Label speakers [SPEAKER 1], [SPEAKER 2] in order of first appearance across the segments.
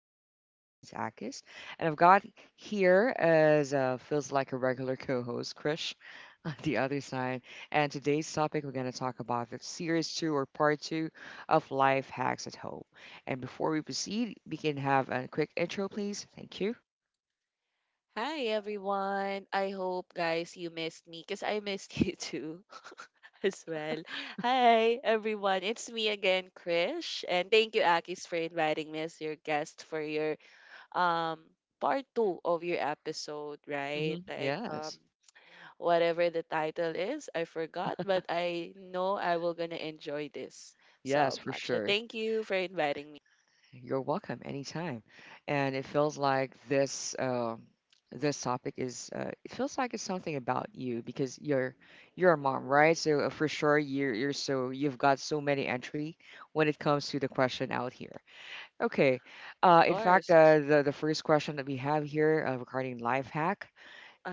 [SPEAKER 1] is real. My name is Akis, and I've got here as feels like a regular co-host, Krish, on the other side. And today's topic we're going to talk about the series two or part two of life hacks at home. And before we proceed, we can have a quick intro, please. Thank you.
[SPEAKER 2] Hi everyone. I hope guys you missed me because I missed you too as well. Hi everyone. It's me again, Krish. And thank you, Akis, for inviting me as your guest for your um part two of your episode, right?
[SPEAKER 1] Hmm.
[SPEAKER 2] Like,
[SPEAKER 1] Yes,
[SPEAKER 2] whatever the title is, I forgot, but I know I will gonna enjoy this
[SPEAKER 1] yes,
[SPEAKER 2] so
[SPEAKER 1] for
[SPEAKER 2] much. So
[SPEAKER 1] sure.
[SPEAKER 2] thank you for inviting me.
[SPEAKER 1] You're welcome anytime. And it feels like this topic is it feels like it's something about you because you're a mom, right? So for sure you're so you've got so many entry when it comes to the question out here. Okay.
[SPEAKER 2] Of
[SPEAKER 1] In fact,
[SPEAKER 2] course.
[SPEAKER 1] the first question that we have here regarding life hack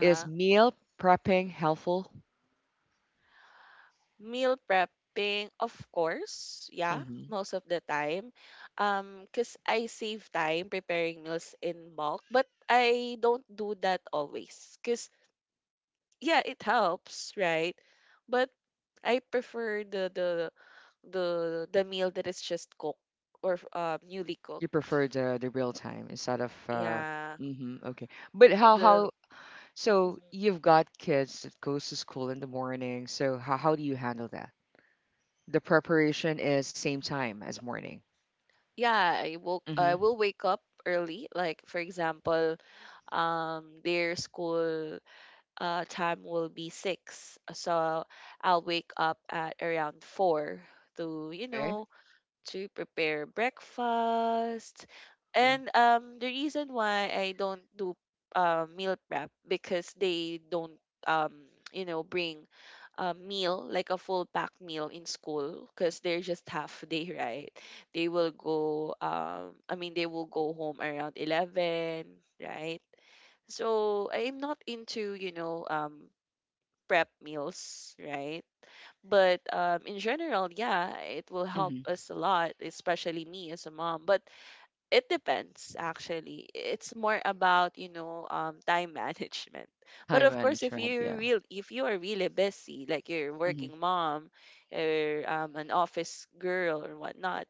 [SPEAKER 1] is meal prepping helpful?
[SPEAKER 2] Meal prepping, of course, yeah,
[SPEAKER 1] Hmm.
[SPEAKER 2] most of the time. Cause I save time preparing meals in bulk, but I don't do that always, cause yeah, it helps, right? But I prefer the the meal that is just cooked or newly cooked.
[SPEAKER 1] You prefer the real time instead of.
[SPEAKER 2] Yeah,
[SPEAKER 1] Hmm. Okay. But
[SPEAKER 2] the
[SPEAKER 1] how So
[SPEAKER 2] Mhm.
[SPEAKER 1] you've got kids that goes to school in the morning. So how do you handle that? The preparation is same time as morning.
[SPEAKER 2] Yeah, I will I
[SPEAKER 1] Mm-hmm.
[SPEAKER 2] will wake up early. Like for example, their school time will be 6. So I'll wake up at around 4 to, you
[SPEAKER 1] Okay.
[SPEAKER 2] know, to prepare breakfast.
[SPEAKER 1] Mm-hmm.
[SPEAKER 2] And the reason why I don't do meal prep because they don't, um, you know, bring a meal, like a full pack meal in school because they're just half day, right? They will go, I mean, they will go home around 11, right? So I'm not into, you know, prep meals, right? But in general, yeah, it will help
[SPEAKER 1] Mm-hmm.
[SPEAKER 2] us a lot, especially me as a mom. But it depends, actually. It's more about, you know, time management. But
[SPEAKER 1] Time
[SPEAKER 2] of course,
[SPEAKER 1] management. Yeah.
[SPEAKER 2] if you are really busy, like you're a
[SPEAKER 1] Mm-hmm.
[SPEAKER 2] working mom or an office girl or whatnot,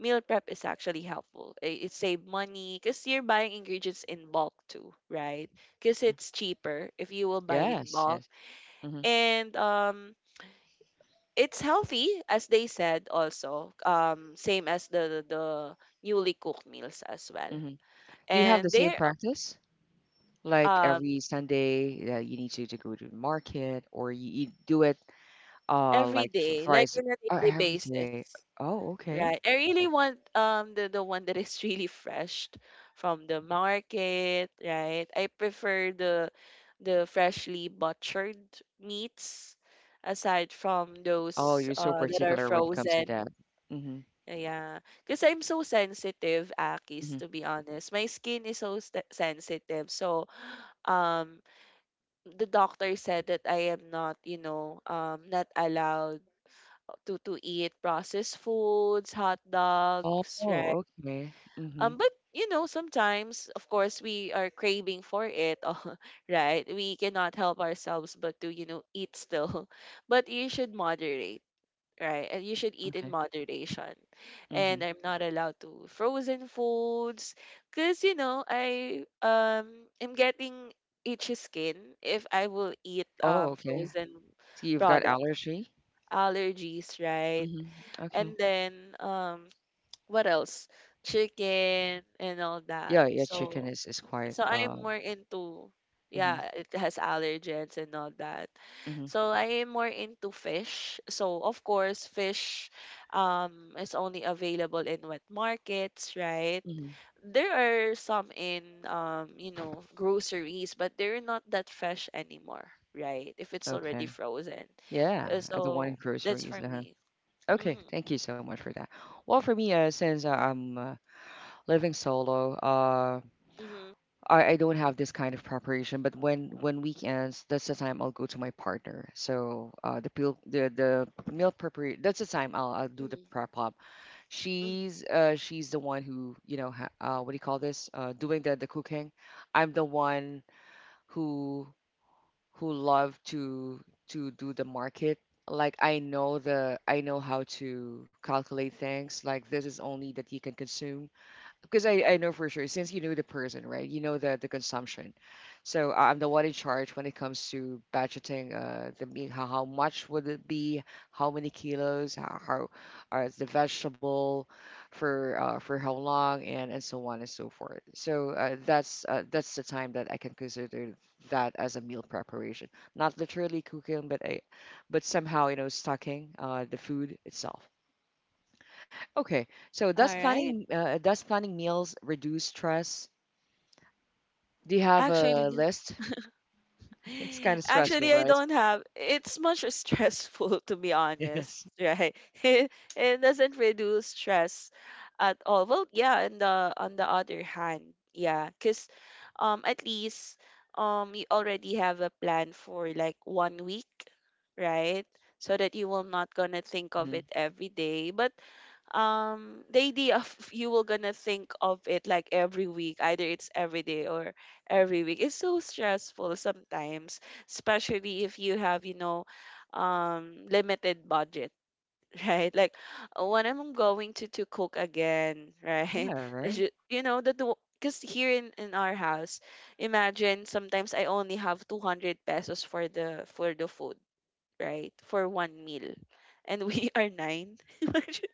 [SPEAKER 2] meal prep is actually helpful. It save money because you're buying ingredients in bulk too, right? Because
[SPEAKER 1] Mm-hmm.
[SPEAKER 2] it's cheaper if you will buy in
[SPEAKER 1] Yes.
[SPEAKER 2] bulk
[SPEAKER 1] Yes. Mm-hmm.
[SPEAKER 2] and it's healthy as they said also same as the newly cooked meals as well
[SPEAKER 1] Mm-hmm. Do you have the
[SPEAKER 2] and
[SPEAKER 1] same
[SPEAKER 2] they're
[SPEAKER 1] practice? Like
[SPEAKER 2] um
[SPEAKER 1] every Sunday, you need to go to the market, or you do it
[SPEAKER 2] every
[SPEAKER 1] like
[SPEAKER 2] day like
[SPEAKER 1] twice,
[SPEAKER 2] in a daily
[SPEAKER 1] every
[SPEAKER 2] basis,
[SPEAKER 1] day. Oh, okay.
[SPEAKER 2] right? I really want the one that is really fresh from the market, right? I prefer the freshly butchered meats aside from
[SPEAKER 1] Oh,
[SPEAKER 2] those
[SPEAKER 1] you're so
[SPEAKER 2] that are
[SPEAKER 1] particular when it comes to that.
[SPEAKER 2] frozen.
[SPEAKER 1] Mm-hmm.
[SPEAKER 2] Yeah, because I'm so sensitive, Akis, to be honest. My skin is so sensitive. So, um, the doctor said that I am not, you know, not allowed to eat processed foods, hot
[SPEAKER 1] Oh,
[SPEAKER 2] dogs, right?
[SPEAKER 1] okay. Mhm.
[SPEAKER 2] But you know, sometimes, of course, we are craving for it, oh, right? We cannot help ourselves but to, you know, eat still. But you should moderate, right? And you should eat in
[SPEAKER 1] Okay.
[SPEAKER 2] moderation. And
[SPEAKER 1] Mhm.
[SPEAKER 2] I'm not allowed to frozen foods because you know I am getting itchy skin if I will eat
[SPEAKER 1] Oh, okay.
[SPEAKER 2] frozen
[SPEAKER 1] So you've got
[SPEAKER 2] product
[SPEAKER 1] allergy?
[SPEAKER 2] allergies, right?
[SPEAKER 1] Mhm.
[SPEAKER 2] And
[SPEAKER 1] Okay.
[SPEAKER 2] then what else? Chicken and all that.
[SPEAKER 1] Yeah, yeah, chicken
[SPEAKER 2] So
[SPEAKER 1] is quite.
[SPEAKER 2] so I'm more into
[SPEAKER 1] Mhm.
[SPEAKER 2] yeah, it has allergens and all that.
[SPEAKER 1] Mhm.
[SPEAKER 2] So I am more into fish. So of course, fish is only available in wet markets, right?
[SPEAKER 1] Mhm.
[SPEAKER 2] There are some in you know, groceries, but they're not that fresh anymore, right? If it's already
[SPEAKER 1] Okay.
[SPEAKER 2] frozen.
[SPEAKER 1] Yeah, the one
[SPEAKER 2] So
[SPEAKER 1] in
[SPEAKER 2] that's for
[SPEAKER 1] groceries. Uh-huh.
[SPEAKER 2] me.
[SPEAKER 1] Okay,
[SPEAKER 2] Mm-hmm.
[SPEAKER 1] thank you so much for that. Well, for me, since I'm living solo,
[SPEAKER 2] Mm-hmm.
[SPEAKER 1] I don't have this kind of preparation. But when weekends, that's the time I'll go to my partner. So the meal preparation. That's the time I'll do the
[SPEAKER 2] Mm-hmm,
[SPEAKER 1] prep up.
[SPEAKER 2] mm-hmm.
[SPEAKER 1] She's the one who, you know, ha what do you call this? Doing the cooking. I'm the one who who love to do the market. Like I know how to calculate things. Like this is only that you can consume, because I know for sure, since you know the person, right? You know the consumption. So I'm the one in charge when it comes to budgeting, the meat, how much would it be, how many kilos, how the vegetable, for how long, and so on and so forth. So that's the time that I can consider that as a meal preparation, not literally cooking, but but somehow, stocking the food itself. Okay. So
[SPEAKER 2] All
[SPEAKER 1] does
[SPEAKER 2] right.
[SPEAKER 1] planning meals reduce stress? Do you have a
[SPEAKER 2] Actually,
[SPEAKER 1] list? It's kind of stressful,
[SPEAKER 2] actually, I
[SPEAKER 1] right?
[SPEAKER 2] don't have. It's much stressful, to be honest,
[SPEAKER 1] Yes.
[SPEAKER 2] right? It doesn't reduce stress at all. Well, yeah, and the on the other hand, yeah, because at least you already have a plan for like 1 week, right? So that you will not gonna think of
[SPEAKER 1] Mm-hmm.
[SPEAKER 2] it every day. But the idea of you will gonna think of it like every week, either it's every day or every week. It's so stressful sometimes, especially if you have, you know, limited budget, right? Like, when I'm going to cook again, right?
[SPEAKER 1] Yeah, right.
[SPEAKER 2] You know, the because here in our house, imagine sometimes I only have 200 pesos for the food, right? For one meal. And we are nine. Imagine,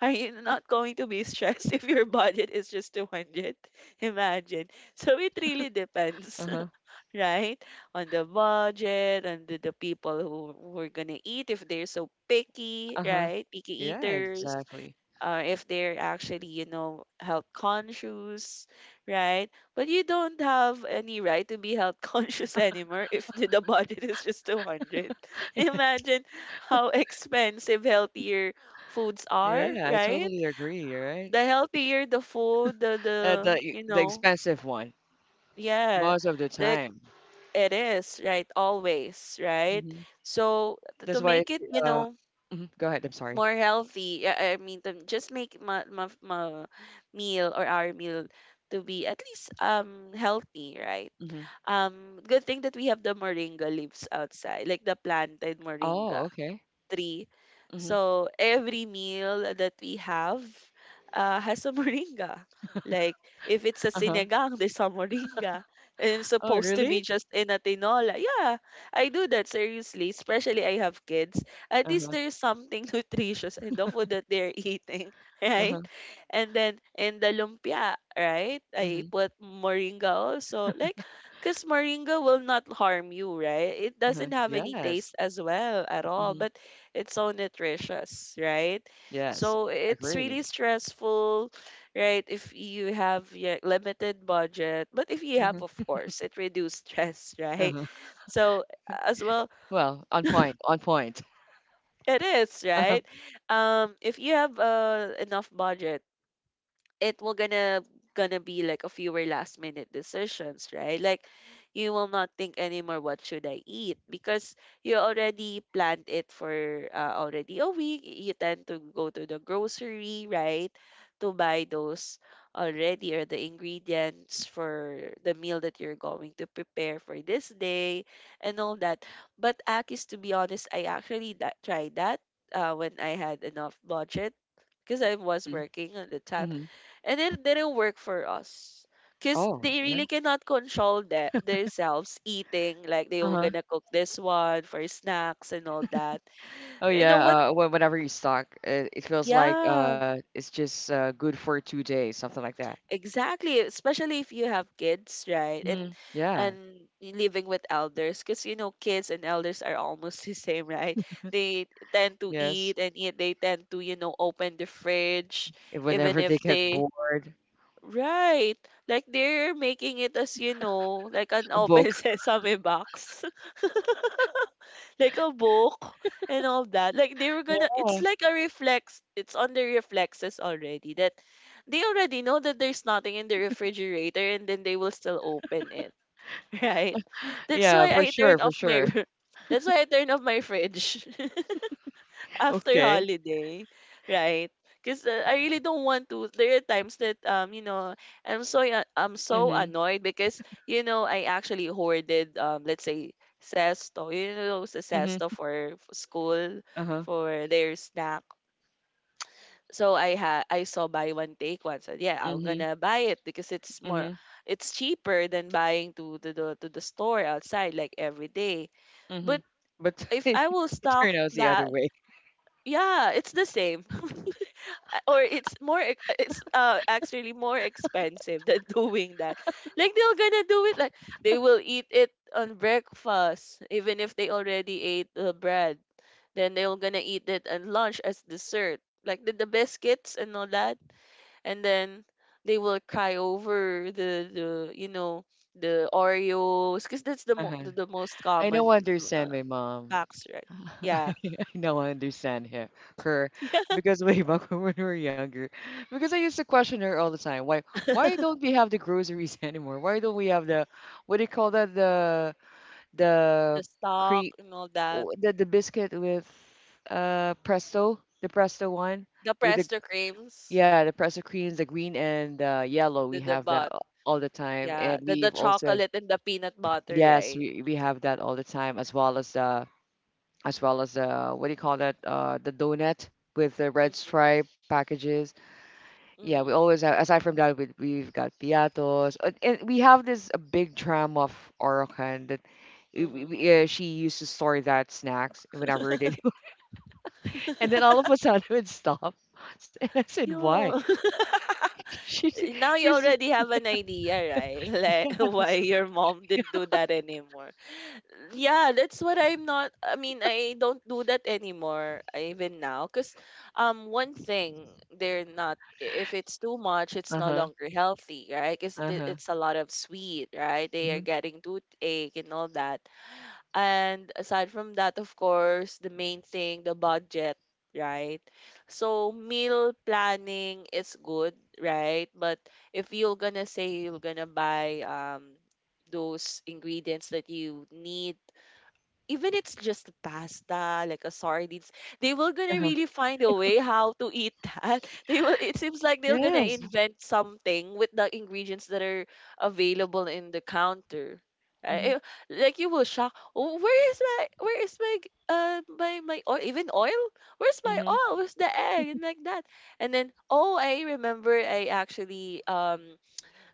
[SPEAKER 2] are you not going to be stressed if your budget is just 200? Imagine. So it really depends,
[SPEAKER 1] Uh-huh.
[SPEAKER 2] right? On the budget, on the people who are gonna eat if they're so picky,
[SPEAKER 1] Uh-huh.
[SPEAKER 2] right? Picky
[SPEAKER 1] Yeah,
[SPEAKER 2] eaters,
[SPEAKER 1] exactly.
[SPEAKER 2] or if they're actually, you know, health conscious, right? But you don't have any right to be health conscious anymore if the, the budget is just 200. Imagine how expensive healthier foods are,
[SPEAKER 1] Yeah, I
[SPEAKER 2] right?
[SPEAKER 1] totally agree, right?
[SPEAKER 2] The healthier the food,
[SPEAKER 1] Uh,
[SPEAKER 2] the
[SPEAKER 1] the
[SPEAKER 2] you
[SPEAKER 1] the
[SPEAKER 2] know,
[SPEAKER 1] expensive one
[SPEAKER 2] yeah,
[SPEAKER 1] most of the
[SPEAKER 2] the
[SPEAKER 1] time.
[SPEAKER 2] it is, right? Always, right?
[SPEAKER 1] Hmm.
[SPEAKER 2] So
[SPEAKER 1] That's
[SPEAKER 2] to
[SPEAKER 1] why.
[SPEAKER 2] make it, you
[SPEAKER 1] uh
[SPEAKER 2] know,
[SPEAKER 1] mhm, Go ahead, I'm sorry.
[SPEAKER 2] more healthy, yeah, I mean, to just make my, my, my meal or our meal to be at least healthy, right?
[SPEAKER 1] Hmm.
[SPEAKER 2] Good thing that we have the moringa leaves outside, like the planted
[SPEAKER 1] Oh,
[SPEAKER 2] moringa
[SPEAKER 1] okay.
[SPEAKER 2] three.
[SPEAKER 1] Hmm.
[SPEAKER 2] So every meal that we have has a moringa. Like if it's a
[SPEAKER 1] Uh-huh.
[SPEAKER 2] sinigang, there's a moringa. And it's
[SPEAKER 1] Oh,
[SPEAKER 2] supposed to be
[SPEAKER 1] really?
[SPEAKER 2] just in a tinola. Yeah, I do that seriously. Especially I have kids. At least
[SPEAKER 1] Uh-huh.
[SPEAKER 2] there's something nutritious in the food that they're eating,
[SPEAKER 1] Uh-huh.
[SPEAKER 2] right? And then in the lumpia, right? I
[SPEAKER 1] Hmm.
[SPEAKER 2] put moringa also. Like, because moringa will not harm you, right? It
[SPEAKER 1] Uh-huh.
[SPEAKER 2] doesn't have any
[SPEAKER 1] Yes.
[SPEAKER 2] taste as well at all.
[SPEAKER 1] Mm-hmm.
[SPEAKER 2] But it's so nutritious, right?
[SPEAKER 1] Yes,
[SPEAKER 2] So it's
[SPEAKER 1] agree.
[SPEAKER 2] really stressful, right? If you have your limited budget, but if you have, of
[SPEAKER 1] Mhm,
[SPEAKER 2] course, it reduces stress, right?
[SPEAKER 1] uh-huh.
[SPEAKER 2] So as well,
[SPEAKER 1] Well, on point, on point.
[SPEAKER 2] it is
[SPEAKER 1] Uh-huh.
[SPEAKER 2] right. If you have enough budget, it will gonna be like a fewer last minute decisions, right? Like you will not think anymore what should I eat because you already planned it for already a week. You tend to go to the grocery, right? To buy those already or the ingredients for the meal that you're going to prepare for this day and all that. But Akis, to be honest, I tried that when I had enough budget because I was
[SPEAKER 1] Mhm,
[SPEAKER 2] working at the time
[SPEAKER 1] mhm.
[SPEAKER 2] and it didn't work for us because
[SPEAKER 1] Oh,
[SPEAKER 2] they
[SPEAKER 1] yeah.
[SPEAKER 2] really cannot control that themselves eating like they were
[SPEAKER 1] Uh-huh.
[SPEAKER 2] gonna cook this one for snacks and all that
[SPEAKER 1] Oh,
[SPEAKER 2] you know
[SPEAKER 1] yeah.
[SPEAKER 2] what
[SPEAKER 1] Whenever you stock, it feels like
[SPEAKER 2] yeah
[SPEAKER 1] it's just good for 2 days, something like that.
[SPEAKER 2] exactly, especially if you have kids, right? and
[SPEAKER 1] Hmm.
[SPEAKER 2] and
[SPEAKER 1] Yeah.
[SPEAKER 2] living with elders because you know kids and elders are almost the same, right? They tend to eat
[SPEAKER 1] Yes.
[SPEAKER 2] and eat. They tend to, you know, open the fridge
[SPEAKER 1] If
[SPEAKER 2] even
[SPEAKER 1] Whenever they
[SPEAKER 2] if
[SPEAKER 1] get
[SPEAKER 2] they
[SPEAKER 1] bored,
[SPEAKER 2] right. Like they're making it as you know, like an
[SPEAKER 1] a book.
[SPEAKER 2] open sesame box. Like a book and all that. Like they were gonna it's
[SPEAKER 1] Yeah.
[SPEAKER 2] like a reflex, it's on the reflexes already that they already know that there's nothing in the refrigerator and then they will still open it. Right? That's
[SPEAKER 1] Yeah,
[SPEAKER 2] why
[SPEAKER 1] for
[SPEAKER 2] I
[SPEAKER 1] sure,
[SPEAKER 2] turn
[SPEAKER 1] for
[SPEAKER 2] off my
[SPEAKER 1] sure.
[SPEAKER 2] That's why I turn off my fridge. After
[SPEAKER 1] Okay.
[SPEAKER 2] holiday, right? Because I really don't want to. There are times that you know I'm so
[SPEAKER 1] Mm-hmm.
[SPEAKER 2] annoyed because you know I actually hoarded let's say sesto you know sa sesto
[SPEAKER 1] Mm-hmm.
[SPEAKER 2] for school
[SPEAKER 1] Uh-huh.
[SPEAKER 2] for their snack. So I saw buy one take one. So yeah, I'm
[SPEAKER 1] Mm-hmm.
[SPEAKER 2] gonna buy it because it's more
[SPEAKER 1] Mm-hmm.
[SPEAKER 2] it's cheaper than buying to the store outside like every day.
[SPEAKER 1] Mm-hmm.
[SPEAKER 2] But
[SPEAKER 1] But
[SPEAKER 2] if
[SPEAKER 1] it,
[SPEAKER 2] I will
[SPEAKER 1] it
[SPEAKER 2] stock
[SPEAKER 1] turned out the other
[SPEAKER 2] that,
[SPEAKER 1] way.
[SPEAKER 2] yeah, it's the same. Or it's it's actually more expensive than doing that. Like they're gonna do it like they will eat it on breakfast even if they already ate the bread, then they're gonna eat it at lunch as dessert like the biscuits and all that and then they will cry over the you know the oreos because that's the,
[SPEAKER 1] Uh-huh.
[SPEAKER 2] the most
[SPEAKER 1] I now
[SPEAKER 2] common uh,
[SPEAKER 1] understand my mom.
[SPEAKER 2] packs, right? Yeah.
[SPEAKER 1] I now understand her,
[SPEAKER 2] Yeah.
[SPEAKER 1] because way back, when we were younger, because I used to question her all the time. Why why
[SPEAKER 2] The
[SPEAKER 1] don't we have the groceries anymore? Why don't we have the, what do you call that, the
[SPEAKER 2] stock
[SPEAKER 1] cre
[SPEAKER 2] and all that.
[SPEAKER 1] oh, the biscuit with presto, the presto one
[SPEAKER 2] The
[SPEAKER 1] with the,
[SPEAKER 2] Presto creams,
[SPEAKER 1] yeah, the presto creams, the green and, yellow, we
[SPEAKER 2] the
[SPEAKER 1] have that
[SPEAKER 2] but
[SPEAKER 1] all the time,
[SPEAKER 2] yeah,
[SPEAKER 1] and
[SPEAKER 2] the
[SPEAKER 1] we've also,
[SPEAKER 2] chocolate and the peanut butter,
[SPEAKER 1] yes,
[SPEAKER 2] right?
[SPEAKER 1] we have that all the time, as well as the, as well as the, what do you call that? The donut with the red
[SPEAKER 2] Mhm,
[SPEAKER 1] stripe packages. Yeah, we
[SPEAKER 2] mhm,
[SPEAKER 1] always have. Aside from that, we've got piatos. And we have this, a big drum of Orokan that.
[SPEAKER 2] mhm.
[SPEAKER 1] She used to store that snacks whenever they and then all of a sudden it stopped. And I said, "Why?"
[SPEAKER 2] Yeah.
[SPEAKER 1] She's
[SPEAKER 2] Now you
[SPEAKER 1] she's.
[SPEAKER 2] already have an idea, right? Like why
[SPEAKER 1] Yes.
[SPEAKER 2] your mom didn't do that anymore. Yeah, that's what I'm not. I mean, I don't do that anymore, even now. Because one thing, they're not, if it's too much, it's
[SPEAKER 1] Uh
[SPEAKER 2] no
[SPEAKER 1] huh.
[SPEAKER 2] longer healthy, right? Because
[SPEAKER 1] Uh huh.
[SPEAKER 2] it's a lot of sweet, right? They are
[SPEAKER 1] Hmm.
[SPEAKER 2] getting toothache and all that. And aside from that, of course, the main thing, the budget, right? So meal planning is good, right? But if you're gonna say you're gonna buy those ingredients that you need even it's just pasta like a sardines they will
[SPEAKER 1] Uh
[SPEAKER 2] gonna
[SPEAKER 1] huh.
[SPEAKER 2] really find a way how to eat that they will it seems like they're gonna
[SPEAKER 1] Yes.
[SPEAKER 2] invent something with the ingredients that are available in the counter
[SPEAKER 1] Mhm.
[SPEAKER 2] I- I- like you will shock, "Oh, where is my where is my my oil even oil where's my
[SPEAKER 1] Mhm.
[SPEAKER 2] oil where's the egg and like that and then oh I remember I actually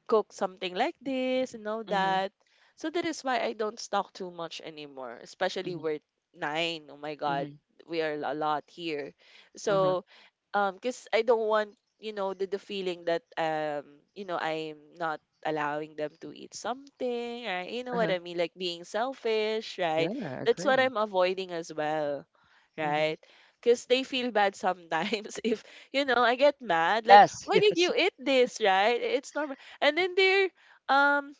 [SPEAKER 2] cook something like this and all
[SPEAKER 1] Mhm.
[SPEAKER 2] that." So that is why I don't stock too much anymore, especially
[SPEAKER 1] Mhm.
[SPEAKER 2] we're nine. Oh my God,
[SPEAKER 1] Mhm.
[SPEAKER 2] we are a lot here.
[SPEAKER 1] Uh huh.
[SPEAKER 2] So, because I don't want, the feeling that, I'm not allowing them to eat something, right? You
[SPEAKER 1] Uh
[SPEAKER 2] know what
[SPEAKER 1] huh.
[SPEAKER 2] I mean? Like, being selfish,
[SPEAKER 1] Yeah.
[SPEAKER 2] right?
[SPEAKER 1] I
[SPEAKER 2] That's what
[SPEAKER 1] agree.
[SPEAKER 2] I'm avoiding as well,
[SPEAKER 1] Mm-hmm.
[SPEAKER 2] right? Because they feel bad sometimes if, I get mad. Like,
[SPEAKER 1] Yes,
[SPEAKER 2] why did
[SPEAKER 1] yes.
[SPEAKER 2] you eat this, right? It's normal, and then they're um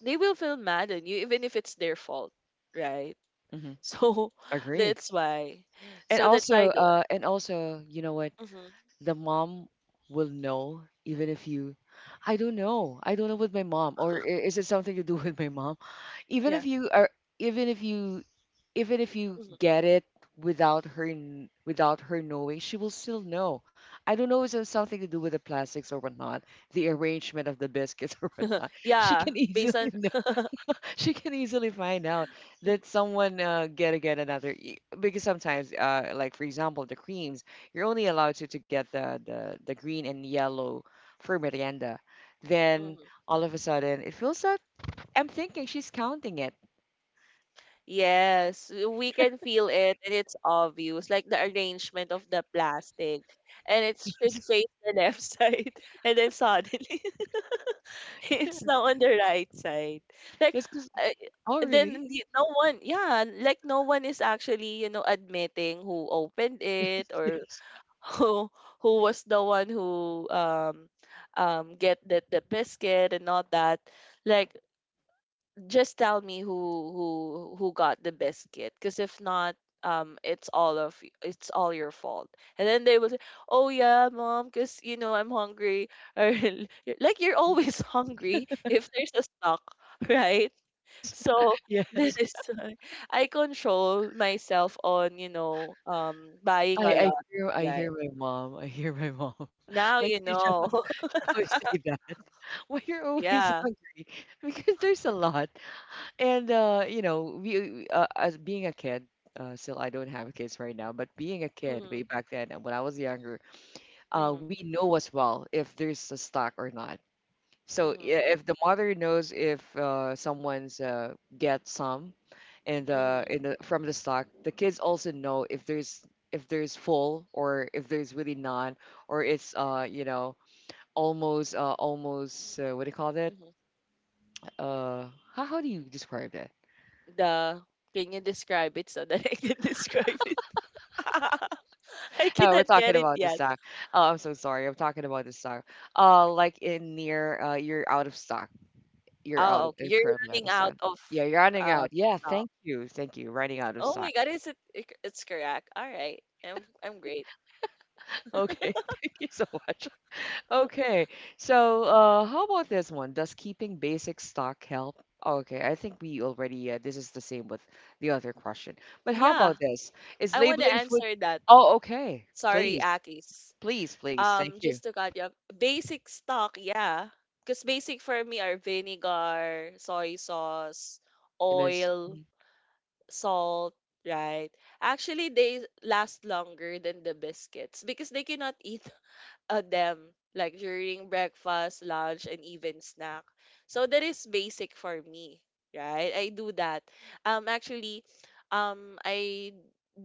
[SPEAKER 2] they will feel mad on you even if it's their fault, right?
[SPEAKER 1] Hmm.
[SPEAKER 2] So
[SPEAKER 1] Agree.
[SPEAKER 2] that's why.
[SPEAKER 1] And
[SPEAKER 2] So that's
[SPEAKER 1] also,
[SPEAKER 2] why.
[SPEAKER 1] uh, and also, you know what?
[SPEAKER 2] Mm-hmm,
[SPEAKER 1] The mom will know, even if you, I don't know. I don't know with my mom, or is it something to do with my mom? Even
[SPEAKER 2] yeah.
[SPEAKER 1] if you are, even if you, even if you
[SPEAKER 2] Hmm.
[SPEAKER 1] get it without her, without her knowing, she will still know. I don't know. Is it something to do with the plastics or whatnot, the arrangement of the biscuits or whatnot? She
[SPEAKER 2] Yeah.
[SPEAKER 1] can
[SPEAKER 2] Based
[SPEAKER 1] easily
[SPEAKER 2] on.
[SPEAKER 1] she can easily find out that someone, gotta get another, because sometimes, like for example the creams, you're only allowed to, get the, the green and yellow for merienda. Then
[SPEAKER 2] Mhm.
[SPEAKER 1] all of a sudden, it feels like I'm thinking she's counting it.
[SPEAKER 2] Yes, we can feel it, and it's obvious, like the arrangement of the plastic, and it
[SPEAKER 1] Yes.
[SPEAKER 2] should face the left side, and then suddenly it's now on the right side. Like,
[SPEAKER 1] Because,
[SPEAKER 2] I-
[SPEAKER 1] oh really?
[SPEAKER 2] no one, yeah, like no one is actually, admitting who opened it,
[SPEAKER 1] Yes,
[SPEAKER 2] or
[SPEAKER 1] yes.
[SPEAKER 2] who who was the one who get the biscuit and all that. Like, just tell me who got the biscuit, because if not, it's it's all your fault. And then they will say, oh yeah, mom, because I'm hungry, or like, you're
[SPEAKER 1] Mhm.
[SPEAKER 2] always hungry if there's a stock. Right?
[SPEAKER 1] Yes,
[SPEAKER 2] So that
[SPEAKER 1] yes.
[SPEAKER 2] is why I control myself on buying
[SPEAKER 1] I,
[SPEAKER 2] a
[SPEAKER 1] I
[SPEAKER 2] lot.
[SPEAKER 1] hear I
[SPEAKER 2] Yeah,
[SPEAKER 1] hear my mom. I hear my mom.
[SPEAKER 2] now
[SPEAKER 1] Like,
[SPEAKER 2] you
[SPEAKER 1] she should
[SPEAKER 2] know.
[SPEAKER 1] always say that. Why you're always
[SPEAKER 2] Yeah.
[SPEAKER 1] hungry? Because there's a lot. And, as being a kid, still I don't have kids right now, but being a kid
[SPEAKER 2] Mm-hmm,
[SPEAKER 1] way back then and when I was younger, we
[SPEAKER 2] mm-hmm,
[SPEAKER 1] know as well if there's a stock or not. So yeah,
[SPEAKER 2] mm-hmm,
[SPEAKER 1] if the mother knows if, someone's, get some, and, in
[SPEAKER 2] mm-hmm.
[SPEAKER 1] the, from the stock, the kids also know if there's full, or if there's really none, or it's almost, what do you call that?
[SPEAKER 2] Mm-hmm.
[SPEAKER 1] Uh, how do you describe that?
[SPEAKER 2] The Can you describe it so that I can describe it? I
[SPEAKER 1] Oh, we're
[SPEAKER 2] cannot get
[SPEAKER 1] talking
[SPEAKER 2] it
[SPEAKER 1] about the
[SPEAKER 2] yet.
[SPEAKER 1] stock. Oh, I'm so sorry. I'm talking about the stock. Like, in near, you're out of stock. You're out
[SPEAKER 2] Oh,
[SPEAKER 1] of,
[SPEAKER 2] okay. You're
[SPEAKER 1] currently out
[SPEAKER 2] running
[SPEAKER 1] of
[SPEAKER 2] out
[SPEAKER 1] stock.
[SPEAKER 2] of
[SPEAKER 1] Yeah, you're running
[SPEAKER 2] uh,
[SPEAKER 1] out. Yeah,
[SPEAKER 2] stock.
[SPEAKER 1] thank you, thank you. Running out of
[SPEAKER 2] Oh my
[SPEAKER 1] stock.
[SPEAKER 2] God, is it? It's correct. All right, I'm great.
[SPEAKER 1] Okay, thank you so much. Okay, so how about this one? Does keeping basic stock help? Okay, I think we already. This is the same with the other question. But how
[SPEAKER 2] Yeah,
[SPEAKER 1] about this? Is
[SPEAKER 2] I want to
[SPEAKER 1] labeling food?
[SPEAKER 2] answer that.
[SPEAKER 1] Oh, okay.
[SPEAKER 2] Sorry,
[SPEAKER 1] Please,
[SPEAKER 2] Akis.
[SPEAKER 1] please, please. Thank you.
[SPEAKER 2] Just to cut you off. Basic stock, yeah. Because basic for me are vinegar, soy sauce,
[SPEAKER 1] Condiments.
[SPEAKER 2] oil, salt, right? Actually, they last longer than the biscuits because they cannot eat them, like during breakfast, lunch, and even snack. So that is basic for me, right? I do that. Actually, I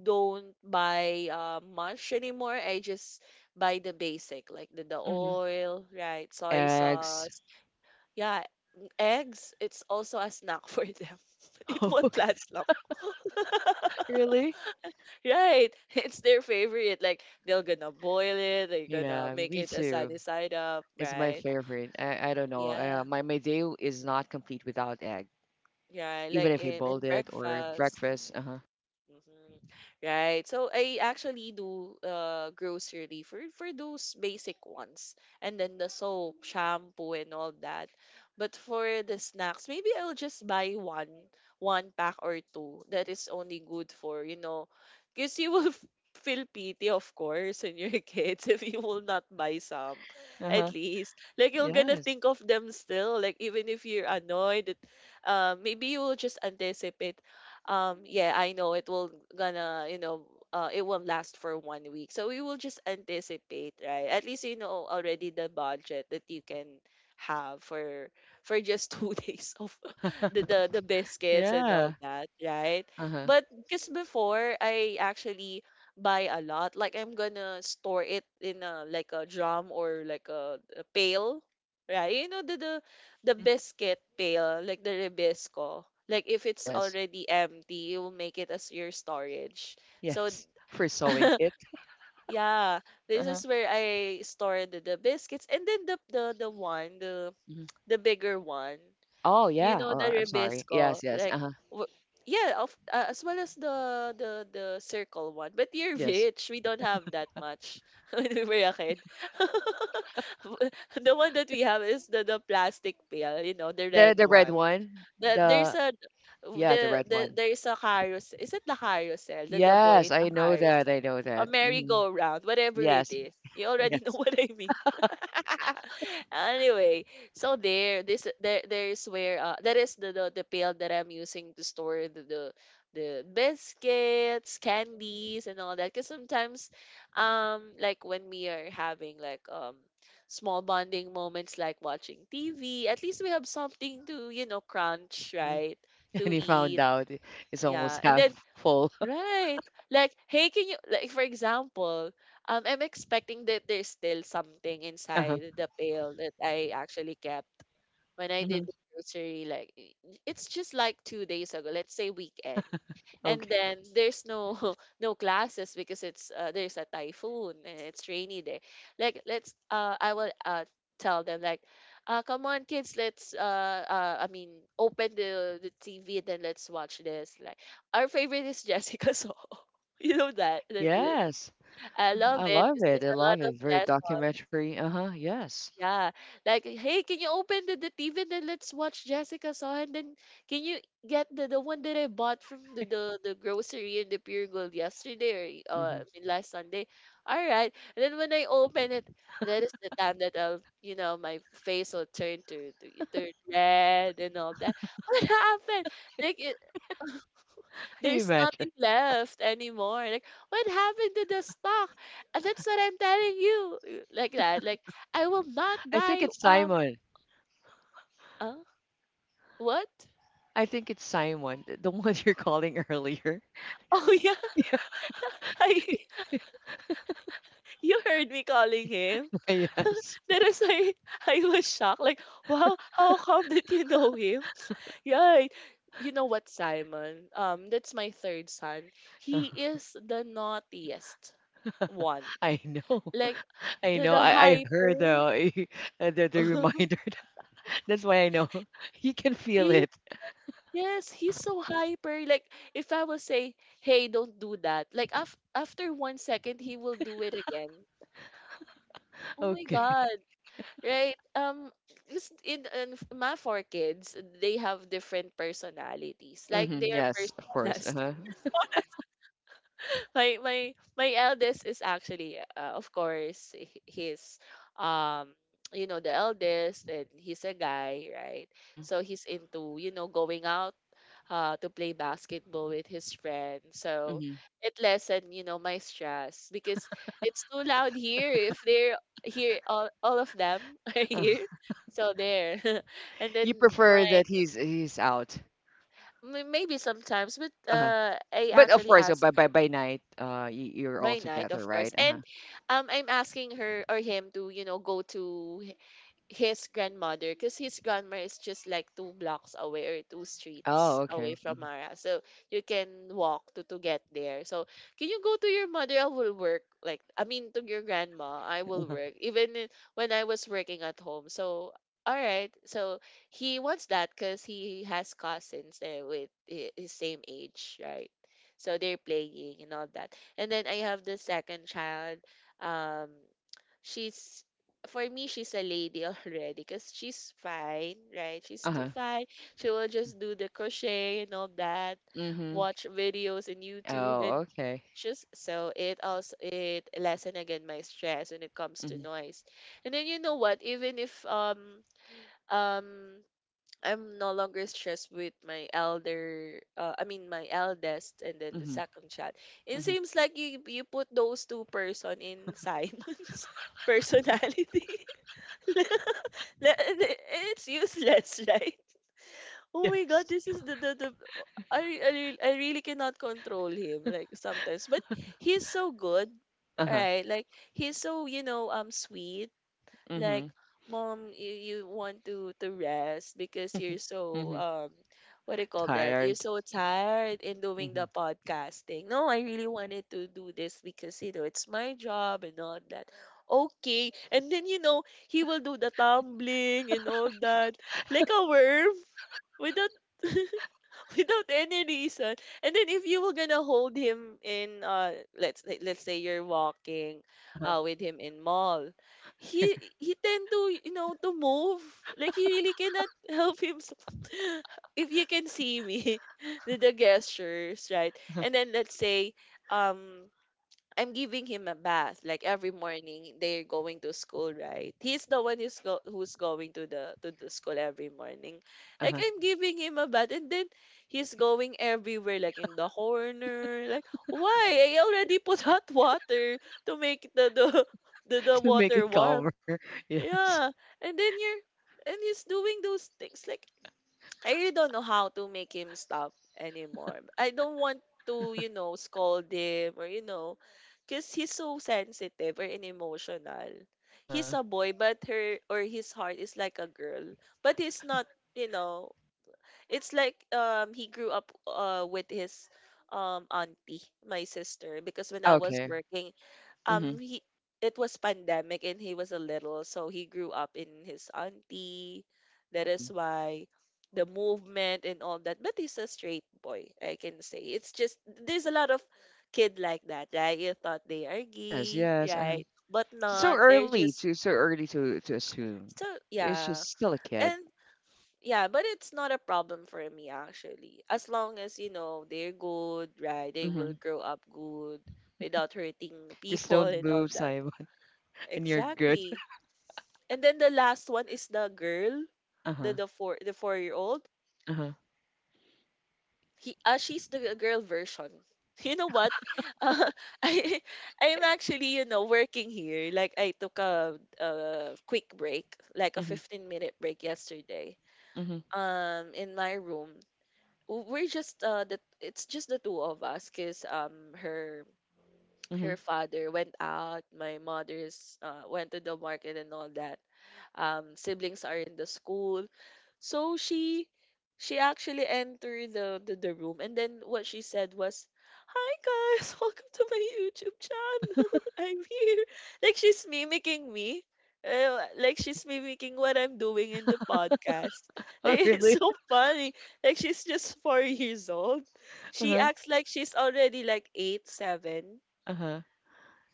[SPEAKER 2] don't buy much anymore. I just buy the basic, like the
[SPEAKER 1] hmm
[SPEAKER 2] oil, right? Soy
[SPEAKER 1] Eggs.
[SPEAKER 2] sauce, yeah, eggs, it's also a snack for them. It
[SPEAKER 1] Oh,
[SPEAKER 2] won't last long.
[SPEAKER 1] really?
[SPEAKER 2] Right. It's their favorite. Like, they're gonna boil it, they're gonna
[SPEAKER 1] Yeah,
[SPEAKER 2] make
[SPEAKER 1] me
[SPEAKER 2] it a
[SPEAKER 1] too.
[SPEAKER 2] sunny side up,
[SPEAKER 1] It's my
[SPEAKER 2] right?
[SPEAKER 1] favorite. I don't know. Uh,
[SPEAKER 2] Yeah.
[SPEAKER 1] my my day is not complete without egg,
[SPEAKER 2] Yeah,
[SPEAKER 1] even
[SPEAKER 2] like
[SPEAKER 1] if I
[SPEAKER 2] in
[SPEAKER 1] boiled it or
[SPEAKER 2] breakfast.
[SPEAKER 1] breakfast. Uh huh.
[SPEAKER 2] Mhm. Right. So I actually do grocery for those basic ones. And then the soap, shampoo, and all that. But for the snacks, maybe I'll just buy one pack or two that is only good for, you know, because you will feel pity, of course, in your kids if you will not buy some,
[SPEAKER 1] Uh
[SPEAKER 2] at
[SPEAKER 1] huh.
[SPEAKER 2] least. Like,
[SPEAKER 1] Yeah.
[SPEAKER 2] you're gonna think of them still, like even if you're annoyed that maybe you will just anticipate. Yeah, I know it will gonna, it will last for 1 week, so we will just anticipate, right? At least already the budget that you can have for just 2 days of the biscuits and all
[SPEAKER 1] Yeah.
[SPEAKER 2] that, right?
[SPEAKER 1] Uh huh.
[SPEAKER 2] But because before, I actually buy a lot, like I'm gonna store it in a, like a drum or like a pail, right? You know, the, the
[SPEAKER 1] Hmm.
[SPEAKER 2] biscuit pail, like the Ribisco. Like, if it's
[SPEAKER 1] Yes.
[SPEAKER 2] already empty, you will make it as your storage. So
[SPEAKER 1] Yes. For sewing kit.
[SPEAKER 2] yeah,
[SPEAKER 1] Uh
[SPEAKER 2] this
[SPEAKER 1] huh.
[SPEAKER 2] is where I store the biscuits, and then the one, the
[SPEAKER 1] Hmm.
[SPEAKER 2] the bigger one.
[SPEAKER 1] Oh
[SPEAKER 2] You
[SPEAKER 1] yeah.
[SPEAKER 2] know
[SPEAKER 1] Oh,
[SPEAKER 2] the
[SPEAKER 1] I'm sorry.
[SPEAKER 2] Ribisco,
[SPEAKER 1] Yes. Yes.
[SPEAKER 2] like
[SPEAKER 1] Uh huh.
[SPEAKER 2] w- yeah, of as well as the circle one. But you're
[SPEAKER 1] Yes.
[SPEAKER 2] rich. We don't have that much when we were a kid. The one that we have is the plastic pail, you know, the
[SPEAKER 1] The
[SPEAKER 2] red
[SPEAKER 1] the red
[SPEAKER 2] one.
[SPEAKER 1] one.
[SPEAKER 2] the, there's
[SPEAKER 1] The
[SPEAKER 2] a
[SPEAKER 1] Yeah, the red one.
[SPEAKER 2] there's a carousel. Is it the carousel? The boy
[SPEAKER 1] Yes,
[SPEAKER 2] in the
[SPEAKER 1] I know that.
[SPEAKER 2] carousel.
[SPEAKER 1] I know
[SPEAKER 2] A
[SPEAKER 1] that. Hmm.
[SPEAKER 2] merry-go-round, whatever it
[SPEAKER 1] Yes.
[SPEAKER 2] is. You already know
[SPEAKER 1] Yes.
[SPEAKER 2] what I mean, anyway. So there, this there there is where that is the pail that I'm using to store the biscuits, candies, and all that. Because sometimes, like when we are having like small bonding moments like watching TV, at least we have something to crunch,
[SPEAKER 1] Mhm.
[SPEAKER 2] right, to
[SPEAKER 1] And he found
[SPEAKER 2] eat.
[SPEAKER 1] out it's
[SPEAKER 2] Yeah,
[SPEAKER 1] almost
[SPEAKER 2] and
[SPEAKER 1] half
[SPEAKER 2] then,
[SPEAKER 1] full.
[SPEAKER 2] right. Like, hey, can you, like for example, I'm expecting that there's still something
[SPEAKER 1] Uh-huh.
[SPEAKER 2] inside the pail that I actually kept when I
[SPEAKER 1] Hmm.
[SPEAKER 2] did the grocery, like it's just like 2 days ago. Let's say weekend, and
[SPEAKER 1] Okay.
[SPEAKER 2] then there's no no classes because it's there's a typhoon and it's rainy day. Like, let's I will tell them like, come on kids, let's I mean, open the TV and then let's watch this. Like, our favorite is Jessica Soho. You know that.
[SPEAKER 1] Yes.
[SPEAKER 2] I love
[SPEAKER 1] I
[SPEAKER 2] it
[SPEAKER 1] love
[SPEAKER 2] because
[SPEAKER 1] it.
[SPEAKER 2] there's
[SPEAKER 1] I
[SPEAKER 2] a lot
[SPEAKER 1] love it.
[SPEAKER 2] of
[SPEAKER 1] Very
[SPEAKER 2] lessons.
[SPEAKER 1] documentary. Uh-huh. Yes.
[SPEAKER 2] Yeah. Like, hey, can you open the TV, and then let's watch Jessica Saw, and then can you get the one that I bought from the grocery in the Pure Gold yesterday, or
[SPEAKER 1] Mm-hmm.
[SPEAKER 2] I mean, last Sunday? All right. And then when I open it, that is the time that I'll, you know, my face will turn to turn red and all that. What happened? Like, it,
[SPEAKER 1] You
[SPEAKER 2] there's
[SPEAKER 1] imagine.
[SPEAKER 2] nothing left anymore. Like, what happened to the stock? And that's what I'm telling you. Like that. Like, I will not
[SPEAKER 1] I think
[SPEAKER 2] buy
[SPEAKER 1] it's Simon.
[SPEAKER 2] Huh? What?
[SPEAKER 1] I think it's Simon, the one you're calling earlier.
[SPEAKER 2] Oh yeah.
[SPEAKER 1] Yeah,
[SPEAKER 2] I you heard me calling him.
[SPEAKER 1] yes.
[SPEAKER 2] That is why I was shocked. Like, wow, how come that you know him? Right. You know what, Simon? That's my third son. He is the naughtiest one.
[SPEAKER 1] I know.
[SPEAKER 2] Like
[SPEAKER 1] I
[SPEAKER 2] the,
[SPEAKER 1] know.
[SPEAKER 2] the
[SPEAKER 1] I heard
[SPEAKER 2] hyper.
[SPEAKER 1] the, the reminder. That's why I know. You can feel
[SPEAKER 2] He-
[SPEAKER 1] it.
[SPEAKER 2] yes, he's so hyper. Like, if I will say, "Hey, don't do that," like after 1 second, he will do it again. Oh my
[SPEAKER 1] Okay.
[SPEAKER 2] god! Right. Just my four kids, they have different personalities. Like, they
[SPEAKER 1] Hmm.
[SPEAKER 2] are
[SPEAKER 1] Yes, of course.
[SPEAKER 2] personas.
[SPEAKER 1] Uh-huh.
[SPEAKER 2] Personas, my eldest is actually, of course, he's um you know, the eldest, and he's a guy, right?
[SPEAKER 1] Mm-hmm.
[SPEAKER 2] So he's into going out to play basketball with his friend. So
[SPEAKER 1] Mm-hmm.
[SPEAKER 2] it lessened, my stress, because it's too loud here if they're here, all of them are here. So there, and then
[SPEAKER 1] You prefer
[SPEAKER 2] my
[SPEAKER 1] that he's out.
[SPEAKER 2] maybe sometimes, but
[SPEAKER 1] Uh-huh.
[SPEAKER 2] I
[SPEAKER 1] But of
[SPEAKER 2] actually
[SPEAKER 1] course,
[SPEAKER 2] ask.
[SPEAKER 1] by night, you're all
[SPEAKER 2] By night,
[SPEAKER 1] together,
[SPEAKER 2] of course.
[SPEAKER 1] right? Uh-huh.
[SPEAKER 2] And I'm asking her or him to, go to his grandmother, because his grandma is just like two blocks away or two streets
[SPEAKER 1] Oh,
[SPEAKER 2] away
[SPEAKER 1] okay.
[SPEAKER 2] from
[SPEAKER 1] Mhm.
[SPEAKER 2] Mara. So you can walk to get there. So, can you go to your mother? I will work. Like, I mean, to your grandma, I will
[SPEAKER 1] Uh-huh.
[SPEAKER 2] work. Even when I was working at home. So, all right. So he wants that because he has cousins, with his same age, right? So they're playing and all that. And then I have the second child. Um, she's, for me, she's a lady already, because she's fine, right? She's
[SPEAKER 1] Uh-huh.
[SPEAKER 2] too fine. She will just do the crochet and all that,
[SPEAKER 1] Mm-hmm.
[SPEAKER 2] watch videos in YouTube,
[SPEAKER 1] Oh,
[SPEAKER 2] and
[SPEAKER 1] okay.
[SPEAKER 2] just so it also it lessen again my stress when it comes
[SPEAKER 1] Mm-hmm.
[SPEAKER 2] to noise. And then, you know what? Even if, um I'm no longer stressed with my elder, I mean, my eldest, and then the
[SPEAKER 1] Mm-hmm.
[SPEAKER 2] second child. It
[SPEAKER 1] Mm-hmm.
[SPEAKER 2] seems like you put those two person in Simon's personality. Le- le- it's useless, right? Oh my god,
[SPEAKER 1] Yes.
[SPEAKER 2] this is the I really cannot control him, like, sometimes, but he's so good,
[SPEAKER 1] Uh-huh.
[SPEAKER 2] right? Like, he's so sweet,
[SPEAKER 1] Mm-hmm.
[SPEAKER 2] like, mom, you want to rest because you're so,
[SPEAKER 1] Mm-hmm.
[SPEAKER 2] what do you call that, you're
[SPEAKER 1] Tired.
[SPEAKER 2] so tired in doing
[SPEAKER 1] Mm-hmm.
[SPEAKER 2] the podcasting. No, I really wanted to do this because, it's my job and all that. Okay, and then, he will do the tumbling and all that, like a worm, without without any reason. And then, if you were gonna hold him in, let's say you're walking
[SPEAKER 1] Uh-huh.
[SPEAKER 2] with him in mall, he tend to, to move. Like, he really cannot help himself. If you can see me, with the gestures, right? And then let's say um I'm giving him a bath, like every morning they're going to school, right? He's the one who's going to the school every morning, like
[SPEAKER 1] Uh-huh.
[SPEAKER 2] I'm giving him a bath, and then he's going everywhere, like in the corner, like why I already put hot water to make the the
[SPEAKER 1] To make
[SPEAKER 2] water
[SPEAKER 1] it calmer.
[SPEAKER 2] warm.
[SPEAKER 1] Yes.
[SPEAKER 2] Yeah. And then you're and he's doing those things, like I really don't know how to make him stop anymore. I don't want to, you know, scold him, or, you know, because he's so sensitive or an emotional.
[SPEAKER 1] Uh-huh.
[SPEAKER 2] He's a boy, but her or his heart is like a girl. But he's not, you know, it's like he grew up with his auntie, my sister, because when I was
[SPEAKER 1] Okay.
[SPEAKER 2] working
[SPEAKER 1] Mm-hmm.
[SPEAKER 2] he it was pandemic and he was a little, so he grew up in his auntie. That
[SPEAKER 1] Mm-hmm.
[SPEAKER 2] is why the movement and all that. But he's a straight boy, I can say. It's just there's a lot of kid like that, right? You thought they are
[SPEAKER 1] Yes.
[SPEAKER 2] gay,
[SPEAKER 1] Yes. Uh-huh.
[SPEAKER 2] right? But
[SPEAKER 1] So
[SPEAKER 2] not, they're
[SPEAKER 1] early
[SPEAKER 2] just.
[SPEAKER 1] to so early to to assume.
[SPEAKER 2] So,
[SPEAKER 1] It's
[SPEAKER 2] yeah.
[SPEAKER 1] just still a kid.
[SPEAKER 2] And, yeah, but it's not a problem for me, actually. As long as,
[SPEAKER 1] Mm-hmm.
[SPEAKER 2] you know, they're good, right? They
[SPEAKER 1] Mm-hmm.
[SPEAKER 2] will grow up good without hurting
[SPEAKER 1] Just
[SPEAKER 2] people
[SPEAKER 1] don't
[SPEAKER 2] and all
[SPEAKER 1] move,
[SPEAKER 2] that.
[SPEAKER 1] Simon, and you're good.
[SPEAKER 2] Exactly. And then the last one is the girl, the
[SPEAKER 1] Uh-huh.
[SPEAKER 2] the four-year-old.
[SPEAKER 1] Uh-huh.
[SPEAKER 2] He She's the girl version. You know what? Uh, I I'm actually, working here. Like, I took a quick break, like a
[SPEAKER 1] Mhm.
[SPEAKER 2] 15-minute break yesterday.
[SPEAKER 1] Mhm.
[SPEAKER 2] In my room, we're just the it's just the two of us, cause her
[SPEAKER 1] Mhm.
[SPEAKER 2] father went out, my mother's went to the market and all that. Siblings are in the school. So she actually entered the room, and then what she said was, "Hi guys, welcome to my YouTube channel. I'm here." Like she's mimicking me. Like
[SPEAKER 1] Uh-huh.
[SPEAKER 2] she's mimicking what I'm doing in the podcast.
[SPEAKER 1] Oh,
[SPEAKER 2] It's
[SPEAKER 1] really?
[SPEAKER 2] so funny. Like, she's just four years old. She
[SPEAKER 1] Uh-huh.
[SPEAKER 2] acts like she's already like eight, seven.
[SPEAKER 1] Uh-huh.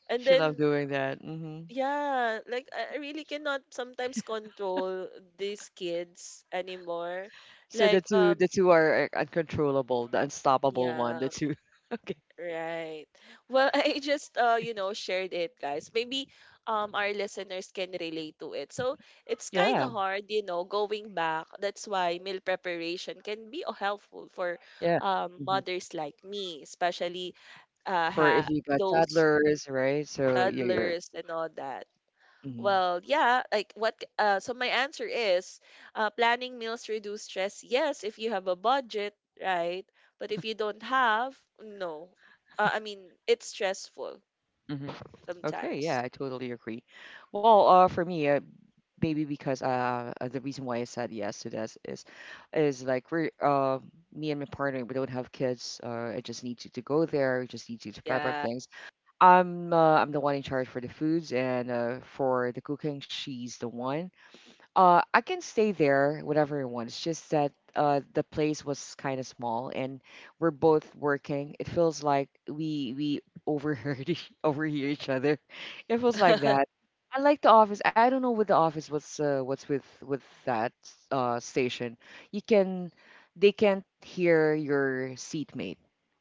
[SPEAKER 2] And
[SPEAKER 1] She loved
[SPEAKER 2] then,
[SPEAKER 1] doing that. Mhm.
[SPEAKER 2] yeah, like I really cannot sometimes control these kids anymore.
[SPEAKER 1] So the
[SPEAKER 2] Like,
[SPEAKER 1] two the two are, uncontrollable, the unstoppable one, the
[SPEAKER 2] yeah,
[SPEAKER 1] two. Okay.
[SPEAKER 2] right. Well, I just shared it, guys. Maybe our listeners can relate to it. So, it's kind
[SPEAKER 1] Yeah.
[SPEAKER 2] of hard, you know, going back. That's why meal preparation can be helpful for
[SPEAKER 1] Yeah. Mhm.
[SPEAKER 2] mothers like me, especially
[SPEAKER 1] For
[SPEAKER 2] ha
[SPEAKER 1] if you got
[SPEAKER 2] those
[SPEAKER 1] toddlers, right? So you're
[SPEAKER 2] toddlers and all that.
[SPEAKER 1] mhm.
[SPEAKER 2] Well, yeah, like, so my answer is planning meals reduce stress. Yes, if you have a budget, right? But if you don't have, no. I mean, it's stressful
[SPEAKER 1] Mhm. Okay,
[SPEAKER 2] sometimes.
[SPEAKER 1] yeah, I totally agree. Well, for me, maybe because the reason why I said yes to this is like we're me and my partner we don't have kids. I just need you to go there. I just need you to prep up
[SPEAKER 2] Yeah.
[SPEAKER 1] things. I'm the one in charge for the foods, and for the cooking. She's the one. Uh, I can stay there whatever I want. It's just that the place was kind of small, and we're both working. It feels like we overheard each, overhear each other. It feels like that. I like the office. I don't know with the office what's with that station. You can They can't hear your seatmate.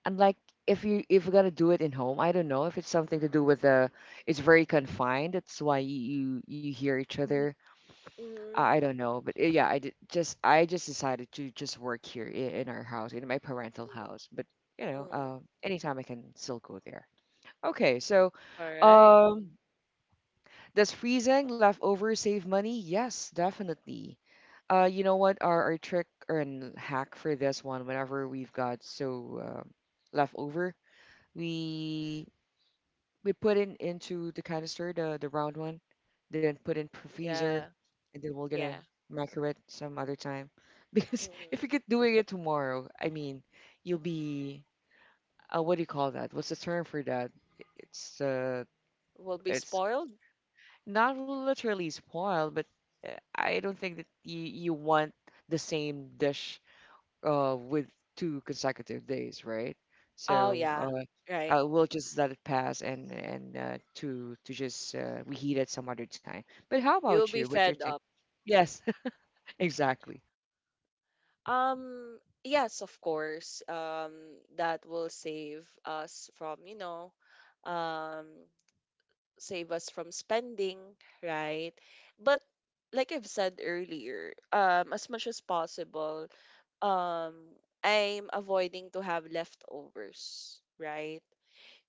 [SPEAKER 1] Unlike if you're gonna do it in home. I don't know if it's something to do with the. It's very confined. That's why you hear each
[SPEAKER 2] Mhm,
[SPEAKER 1] other.
[SPEAKER 2] mhm,
[SPEAKER 1] I don't know, but yeah, I just decided to just work here in, our house, in my parental house. But
[SPEAKER 2] mm, mm.
[SPEAKER 1] anytime I can still go there. Okay, so
[SPEAKER 2] All right.
[SPEAKER 1] um, does freezing leftovers save money? Yes, definitely. You know what? Our trick or an hack for this one, whenever we've got leftover, we we put in into the canister, the round one, then put in freezer,
[SPEAKER 2] Yeah.
[SPEAKER 1] and then we're gonna
[SPEAKER 2] Yeah.
[SPEAKER 1] micro it some other time. Because if
[SPEAKER 2] Mm.
[SPEAKER 1] you get doing it tomorrow, I mean, you'll be what do you call that? What's the term for that? It's uh,
[SPEAKER 2] Will be
[SPEAKER 1] it's
[SPEAKER 2] spoiled.
[SPEAKER 1] not literally spoiled, but I don't think that you want the same dish with two consecutive days, right?
[SPEAKER 2] Oh,
[SPEAKER 1] So
[SPEAKER 2] yeah.
[SPEAKER 1] uh,
[SPEAKER 2] Right.
[SPEAKER 1] uh, we'll just let it pass, and to just reheat it some other time. But how about
[SPEAKER 2] You'll
[SPEAKER 1] you?
[SPEAKER 2] be
[SPEAKER 1] What's your
[SPEAKER 2] fed
[SPEAKER 1] take?
[SPEAKER 2] up.
[SPEAKER 1] Yes, exactly.
[SPEAKER 2] Yes, of course. That will save us from, you know, um, save us from spending, right? But like I've said earlier, as much as possible, um, I'm avoiding to have leftovers, right?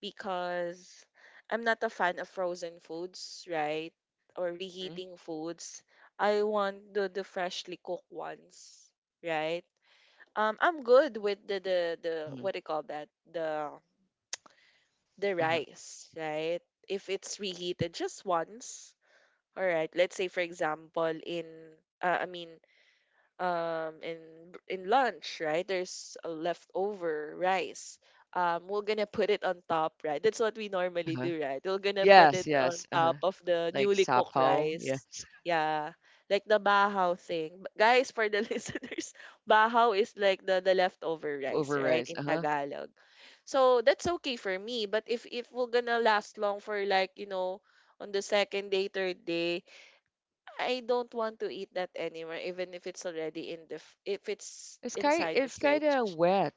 [SPEAKER 2] Because I'm not a fan of frozen foods, right? Or
[SPEAKER 1] Mm-hmm.
[SPEAKER 2] reheating foods. I want the freshly cooked ones, right? I'm good with the,
[SPEAKER 1] Mm-hmm.
[SPEAKER 2] what do you call that, the
[SPEAKER 1] Uh-huh.
[SPEAKER 2] rice, right? If it's reheated just once. All right. Let's say, for example, in, I mean, in lunch, right, there's a leftover rice. We're gonna put it on top, right? That's what we normally
[SPEAKER 1] Uh-huh.
[SPEAKER 2] do, right? We're gonna put it
[SPEAKER 1] Yes,
[SPEAKER 2] on
[SPEAKER 1] yes. Uh-huh.
[SPEAKER 2] top of the
[SPEAKER 1] Like
[SPEAKER 2] newly cooked
[SPEAKER 1] sapo.
[SPEAKER 2] rice.
[SPEAKER 1] Yes.
[SPEAKER 2] Yeah, like the bahaw thing, guys, for the listeners. Bahaw is like the leftover rice,
[SPEAKER 1] Leftover
[SPEAKER 2] right,
[SPEAKER 1] rice.
[SPEAKER 2] in
[SPEAKER 1] Uh-huh.
[SPEAKER 2] Tagalog. So that's okay for me, but if we're gonna last long for like, you know, on the second day, third day, I don't want to eat that anymore, even if it's already in if it's inside the
[SPEAKER 1] It's kind
[SPEAKER 2] fridge.
[SPEAKER 1] of wet.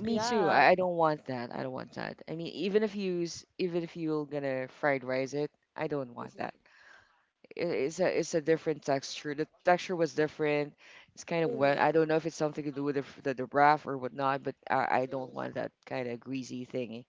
[SPEAKER 1] Me too.
[SPEAKER 2] Yeah.
[SPEAKER 1] I don't want that. I don't want that. I mean, even if you're gonna fried rice it, I don't want that.
[SPEAKER 2] Mm-hmm.
[SPEAKER 1] It's a different texture. The texture was different. It's kind of wet.
[SPEAKER 2] Mm-hmm.
[SPEAKER 1] I don't know if it's something to do with the wrap or whatnot, but I don't
[SPEAKER 2] Mm-hmm.
[SPEAKER 1] want that kind of greasy thingy.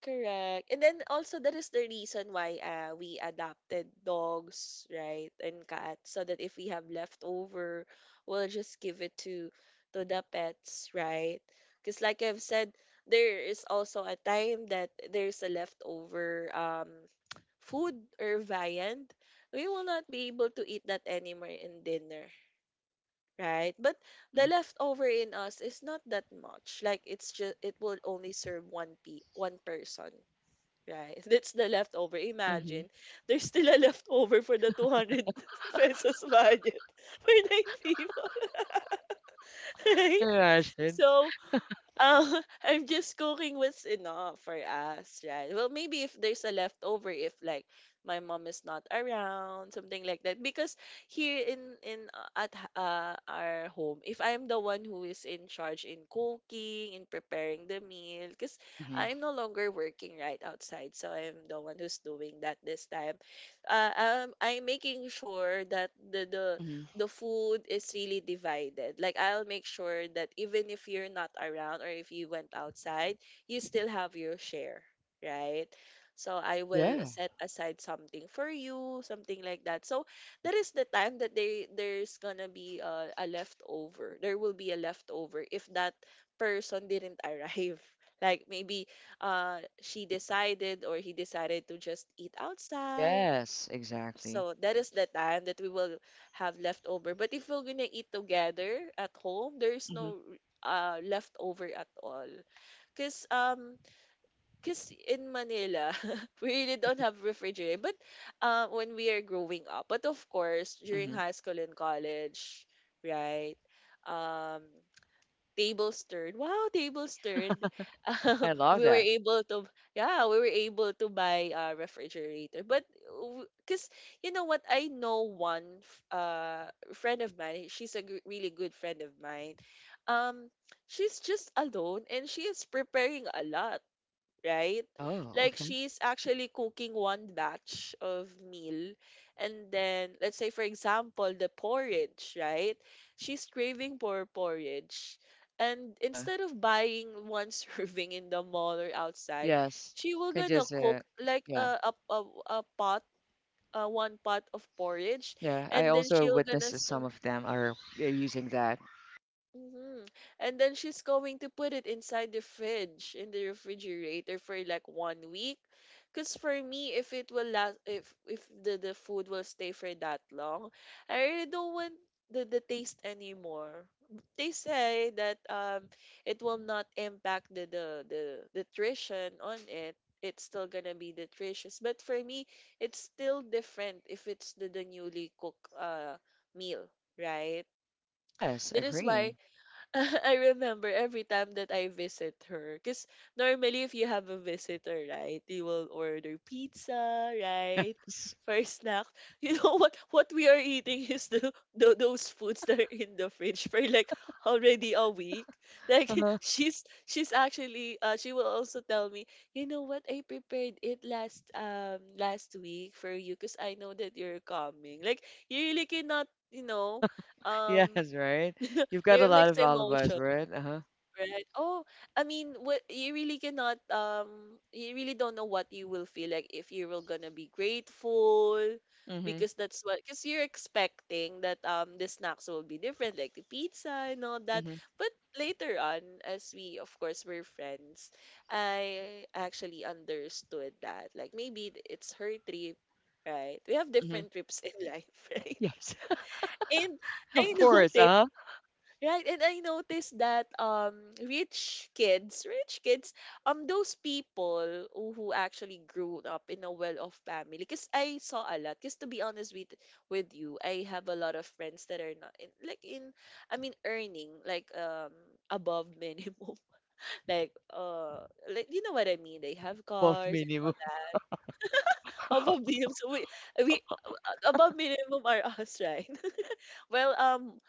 [SPEAKER 2] Correct. And then also, that is the reason why we adopted dogs, right, and cats, so that if we have leftover, we'll just give it to the pets, right? Because like I've said, there is also a time that there's a leftover food or viand. We will not be able to eat that anymore in dinner, right? But the
[SPEAKER 1] Mhm.
[SPEAKER 2] leftover in us is not that much. Like, it's just it will only serve one pe one person. Right. That's the leftover.
[SPEAKER 1] Mhm.
[SPEAKER 2] Imagine, there's still a leftover for the 200 pesos budget for nine people, right?
[SPEAKER 1] Yeah, I should.
[SPEAKER 2] So, uh, I'm just cooking what's enough for us, right? Well, maybe if there's a leftover, if like my mom is not around, something like that. Because here in at our home, if I'm the one who is in charge in cooking, in preparing the meal, because
[SPEAKER 1] Mhm.
[SPEAKER 2] I'm no longer working right outside, so I'm the one who's doing that this time. I'm making sure that the the
[SPEAKER 1] Mhm.
[SPEAKER 2] the food is really divided. Like, I'll make sure that even if you're not around or if you went outside, you still have your share, right? So I will
[SPEAKER 1] Yeah.
[SPEAKER 2] set aside something for you, something like that. So
[SPEAKER 1] Mhm.
[SPEAKER 2] that is the time that they there's gonna be a leftover. There will be a leftover if that person didn't arrive. Like maybe she decided, or he decided to just eat outside.
[SPEAKER 1] Yes, exactly.
[SPEAKER 2] So that is the time that we will have leftover. But if we're gonna eat together at home, there is
[SPEAKER 1] Mhm.
[SPEAKER 2] no leftover at all. Cause um Cause in Manila, we really don't have refrigerator. But when we are growing up, but of course during
[SPEAKER 1] Mhm.
[SPEAKER 2] high school and college, right? Um Tables turned. Wow, tables turned.
[SPEAKER 1] I love
[SPEAKER 2] We were
[SPEAKER 1] that.
[SPEAKER 2] able to, yeah, we were able to buy a refrigerator. But cuz, you know what, I know one friend of mine. She's a really good friend of mine. Um she's just alone and she is preparing a lot, right?
[SPEAKER 1] Oh,
[SPEAKER 2] Like,
[SPEAKER 1] okay.
[SPEAKER 2] she's actually cooking one batch of meal, and then let's say, for example, the porridge, right? She's craving for porridge. And
[SPEAKER 1] Uh-huh.
[SPEAKER 2] instead of buying one serving in the mall or outside,
[SPEAKER 1] Yes.
[SPEAKER 2] she will
[SPEAKER 1] I
[SPEAKER 2] gonna
[SPEAKER 1] just
[SPEAKER 2] cook like
[SPEAKER 1] Yeah.
[SPEAKER 2] a pot, one pot of porridge,
[SPEAKER 1] Yeah, I
[SPEAKER 2] and then
[SPEAKER 1] also
[SPEAKER 2] she'll
[SPEAKER 1] witnessed
[SPEAKER 2] gonna
[SPEAKER 1] that some
[SPEAKER 2] serve.
[SPEAKER 1] of them are using that.
[SPEAKER 2] Mhm. And then she's going to put it inside the fridge, in the refrigerator for like one week. Cause for me, if it will last, if the food will stay for that long, I really don't want the taste anymore. They say that it will not impact the nutrition on it. It's still gonna be nutritious, but for me, it's still different if it's the newly cooked meal, right?
[SPEAKER 1] Yes,
[SPEAKER 2] That is
[SPEAKER 1] agree.
[SPEAKER 2] why I remember every time that I visit her. Because normally, if you have a visitor, right, you will order pizza, right?
[SPEAKER 1] Yes.
[SPEAKER 2] For snack. You know what? What we are eating is the those foods that are in the fridge for like already a week. Like,
[SPEAKER 1] Uh huh.
[SPEAKER 2] she's actually she will also tell me, you know what? I prepared it last last week for you because I know that you're coming. Like, you really cannot, you know, um
[SPEAKER 1] Yes, right? You've got a
[SPEAKER 2] it
[SPEAKER 1] lot
[SPEAKER 2] makes
[SPEAKER 1] of alibis,
[SPEAKER 2] emotions.
[SPEAKER 1] right? Uh-huh.
[SPEAKER 2] Right. Oh, I mean, what you really cannot you really don't know what you will feel like if you will gonna be grateful,
[SPEAKER 1] Mm-hmm.
[SPEAKER 2] because that's what, because you're expecting that the snacks will be different, like the pizza and all that.
[SPEAKER 1] Mm-hmm.
[SPEAKER 2] But later on, as we of course were friends, I actually understood that, like, maybe it's her trip, right? We have
[SPEAKER 1] Mm-hmm.
[SPEAKER 2] different trips in life, right?
[SPEAKER 1] Yes.
[SPEAKER 2] And
[SPEAKER 1] Of
[SPEAKER 2] I noticed
[SPEAKER 1] course. Uh-huh.
[SPEAKER 2] Right, and I noticed that rich kids, those people who actually grew up in a well-off family. Because I saw a lot. Because, to be honest with you, I have a lot of friends that are not in, I mean, earning like above minimum, like, like, you know what I mean. They have
[SPEAKER 1] Above
[SPEAKER 2] cars and all
[SPEAKER 1] minimum
[SPEAKER 2] that. Above minimum, so we above minimum are us, right? Well, um,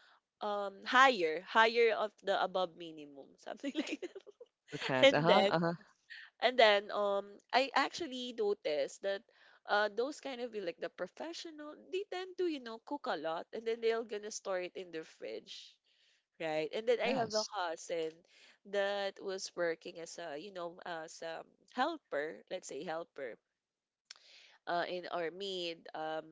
[SPEAKER 2] um, higher of the above minimum, something like that.
[SPEAKER 1] middle class.
[SPEAKER 2] And
[SPEAKER 1] Uh-huh.
[SPEAKER 2] then,
[SPEAKER 1] Uh-huh.
[SPEAKER 2] and then, I actually noticed that, those kind of like the professional, they tend to, you know, cook a lot, and then they're gonna store it in their fridge, right? And then I have a
[SPEAKER 1] Yes.
[SPEAKER 2] cousin that was working as a, you know, as a helper, let's say helper, in Ormid,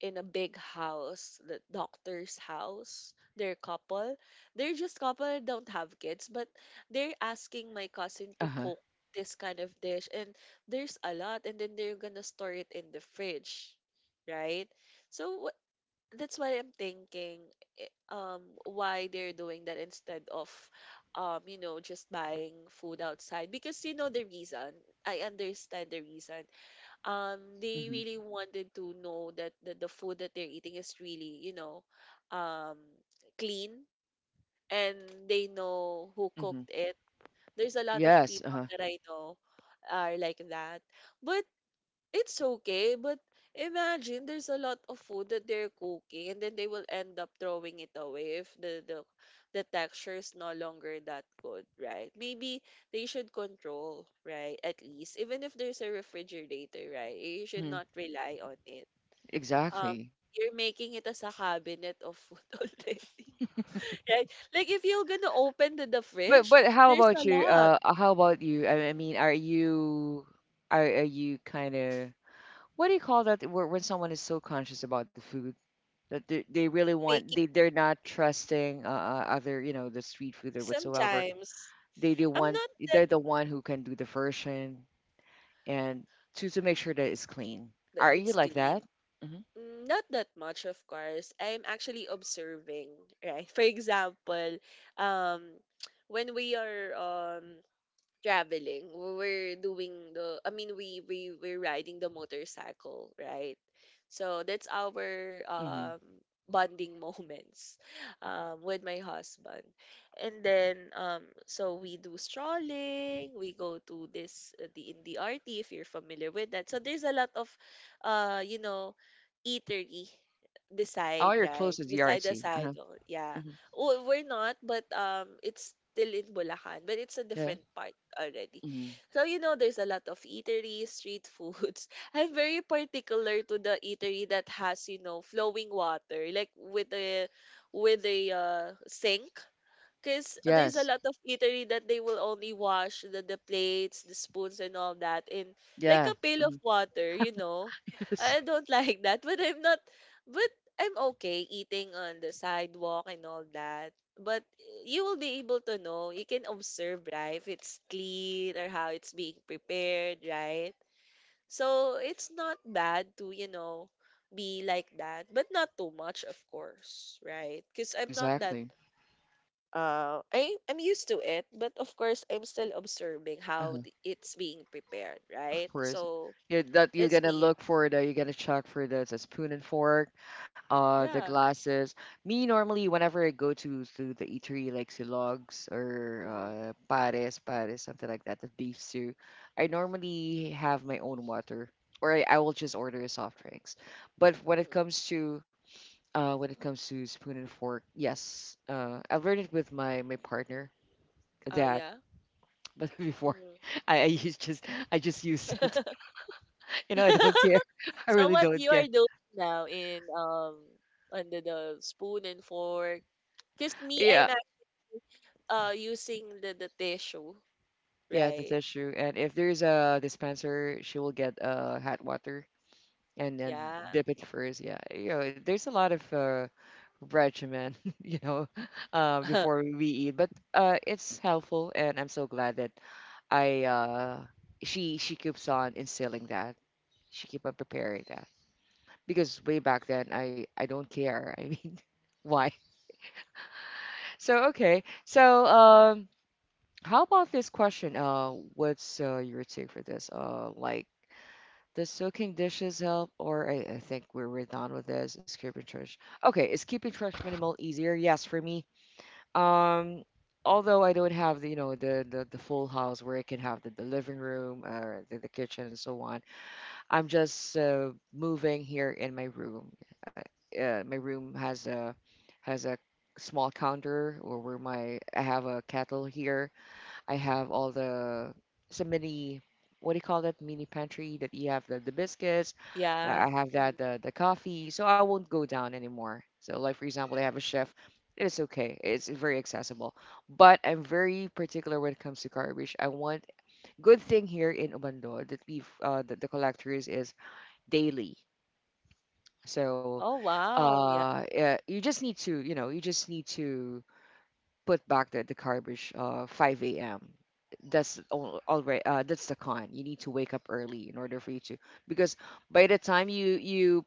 [SPEAKER 2] in a big house, the doctor's house. They're couple. They're just couple, don't have kids, but they're asking my cousin to
[SPEAKER 1] Uh-huh.
[SPEAKER 2] cook this kind of dish, and there's a lot, and then they're gonna store it in the fridge, right? So what? That's why I'm thinking, eh, why they're doing that instead of, you know, just buying food outside. Because you know the reason. I understand the reason. They
[SPEAKER 1] Mm-hmm.
[SPEAKER 2] really wanted to know that the food that they're eating is really, you know, um clean, and they know who
[SPEAKER 1] Mm-hmm.
[SPEAKER 2] cooked it. There's a lot of
[SPEAKER 1] Yes.
[SPEAKER 2] people
[SPEAKER 1] Uh-huh.
[SPEAKER 2] that I know are like that, but it's okay. But imagine there's a lot of food that they're cooking, and then they will end up throwing it away if the texture is no longer that good, right? Maybe they should control, right? At least even if there's a refrigerator, right? You should
[SPEAKER 1] Mm-hmm.
[SPEAKER 2] not rely on it. Um
[SPEAKER 1] Exactly.
[SPEAKER 2] you're making it as a cabinet of food already. Right? Like if you're gonna open the
[SPEAKER 1] But
[SPEAKER 2] fridge,
[SPEAKER 1] but how
[SPEAKER 2] there's a
[SPEAKER 1] about you?
[SPEAKER 2] lot.
[SPEAKER 1] How about you? I mean, are you are you kind of... what do you call that? When someone is so conscious about the food that they really want...
[SPEAKER 2] Baking
[SPEAKER 1] they're not trusting other, the street food or whatsoever.
[SPEAKER 2] sometimes.
[SPEAKER 1] They
[SPEAKER 2] I'm
[SPEAKER 1] want.
[SPEAKER 2] not that.
[SPEAKER 1] They're the one who can do the version, and to make sure that it's clean.
[SPEAKER 2] That
[SPEAKER 1] Are you
[SPEAKER 2] it's
[SPEAKER 1] like
[SPEAKER 2] clean.
[SPEAKER 1] that? Mm-hmm.
[SPEAKER 2] Mm, not that much, of course. I'm actually observing, right? For example, um, when we are traveling. We were doing the, I mean, we were riding the motorcycle, right? So that's our
[SPEAKER 1] Mm-hmm.
[SPEAKER 2] bonding moments with my husband. And then so we do strolling, we go to this the in the RT, if you're familiar with that. So there's a lot of uh you know eatery beside,
[SPEAKER 1] Oh, you're close
[SPEAKER 2] right? Beside the
[SPEAKER 1] DRT.
[SPEAKER 2] side,
[SPEAKER 1] Uh-huh.
[SPEAKER 2] oh, yeah.
[SPEAKER 1] hmm.
[SPEAKER 2] Oh, we're not, but it's still in Bulacan, but it's a
[SPEAKER 1] Yeah.
[SPEAKER 2] different part already.
[SPEAKER 1] hmm.
[SPEAKER 2] So, you know, there's a lot of eateries, street foods. I'm very particular to the eatery that has, you know, flowing water, like with a sink, because there's a
[SPEAKER 1] Yes.
[SPEAKER 2] lot of eatery that they will only wash the plates, the spoons, and all that in like
[SPEAKER 1] Yeah.
[SPEAKER 2] a pail of
[SPEAKER 1] hmm.
[SPEAKER 2] water, you know.
[SPEAKER 1] Yes.
[SPEAKER 2] I don't like that, but I'm not, but I'm okay eating on the sidewalk and all that. But you will be able to know, you can observe, right, if it's clean or how it's being prepared, right? So it's not bad to, you know, be like that, but not too much, of course, right? Because
[SPEAKER 1] Yeah,
[SPEAKER 2] I'm not that.
[SPEAKER 1] exactly.
[SPEAKER 2] Uh, I'm used to it, but of course I'm still observing how the, it's being prepared,
[SPEAKER 1] Of
[SPEAKER 2] right?
[SPEAKER 1] course.
[SPEAKER 2] So
[SPEAKER 1] Yeah, that you're
[SPEAKER 2] that's
[SPEAKER 1] gonna
[SPEAKER 2] me.
[SPEAKER 1] look for the you're gonna check for the spoon and fork, the
[SPEAKER 2] Yeah.
[SPEAKER 1] glasses. Me normally whenever I go to the eatery, like silogs or
[SPEAKER 2] Mm-hmm.
[SPEAKER 1] pares pares something like that, the beef stew, I normally have my own water, or I will just order soft drinks. But
[SPEAKER 2] Mm.
[SPEAKER 1] when it comes to spoon and fork, yes, I've learned it with my partner
[SPEAKER 2] Oh
[SPEAKER 1] that
[SPEAKER 2] yeah.
[SPEAKER 1] but before,
[SPEAKER 2] Hmm.
[SPEAKER 1] I, I used just I just used it. You know, I don't care. I
[SPEAKER 2] So
[SPEAKER 1] really
[SPEAKER 2] what
[SPEAKER 1] don't
[SPEAKER 2] you are
[SPEAKER 1] care.
[SPEAKER 2] doing now in under the spoon and fork? Cause me,
[SPEAKER 1] Yeah,
[SPEAKER 2] I'm ac- using the tissue,
[SPEAKER 1] yeah, that
[SPEAKER 2] right?
[SPEAKER 1] is true. And if there's a dispenser, she will get hot water and then
[SPEAKER 2] Yeah.
[SPEAKER 1] dip it first. Yeah, you know, there's a lot of regimen, you know, before we eat, but it's helpful, and I'm so glad that I she keeps on instilling that. She keep on preparing that because way back then I don't care. I mean, why? Okay. How about this question? What's your take for this? Like, does soaking dishes help? Or I think we're done with this. Is keeping trash. Okay, is keeping trash minimal easier? Yes, for me. Um, although I don't have the, you know, the full house where I can have the living room or the kitchen and so on. I'm just moving here in my room. Uh, my room has a small counter, or where my I have a kettle here. I have all the... it's a mini... what do you call that? Mini pantry, that you have the biscuits. I
[SPEAKER 2] Yeah.
[SPEAKER 1] have that
[SPEAKER 2] Mhm.
[SPEAKER 1] the coffee, so I won't go down anymore. So like for example, they have a chef. It's okay. It's very accessible, but I'm very particular when it comes to garbage. I want... good thing here in Obando that we've that the collectors is daily. So
[SPEAKER 2] Oh wow. Yeah.
[SPEAKER 1] you just need to put back the garbage 5 a.m. That's the con. You need to wake up early in order for you to, because by the time you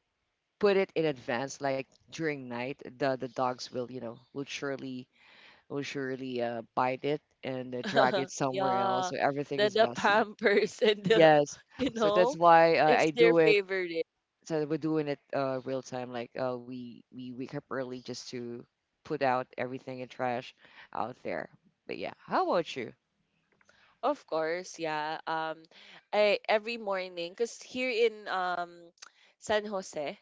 [SPEAKER 1] put it in advance, like during night, the dogs will you know will surely bite it and drag it somewhere else,
[SPEAKER 2] Yeah,
[SPEAKER 1] so everything
[SPEAKER 2] the
[SPEAKER 1] is
[SPEAKER 2] the
[SPEAKER 1] messy.
[SPEAKER 2] Pampers and the,
[SPEAKER 1] Yes,
[SPEAKER 2] you
[SPEAKER 1] so that's
[SPEAKER 2] know,
[SPEAKER 1] why
[SPEAKER 2] it's
[SPEAKER 1] I
[SPEAKER 2] their
[SPEAKER 1] do it.
[SPEAKER 2] favorite.
[SPEAKER 1] So we're doing it real time. Like we wake up early, just to put out everything in trash out there. But yeah, how about you?
[SPEAKER 2] Of course, yeah. I every morning, cause here in San Jose,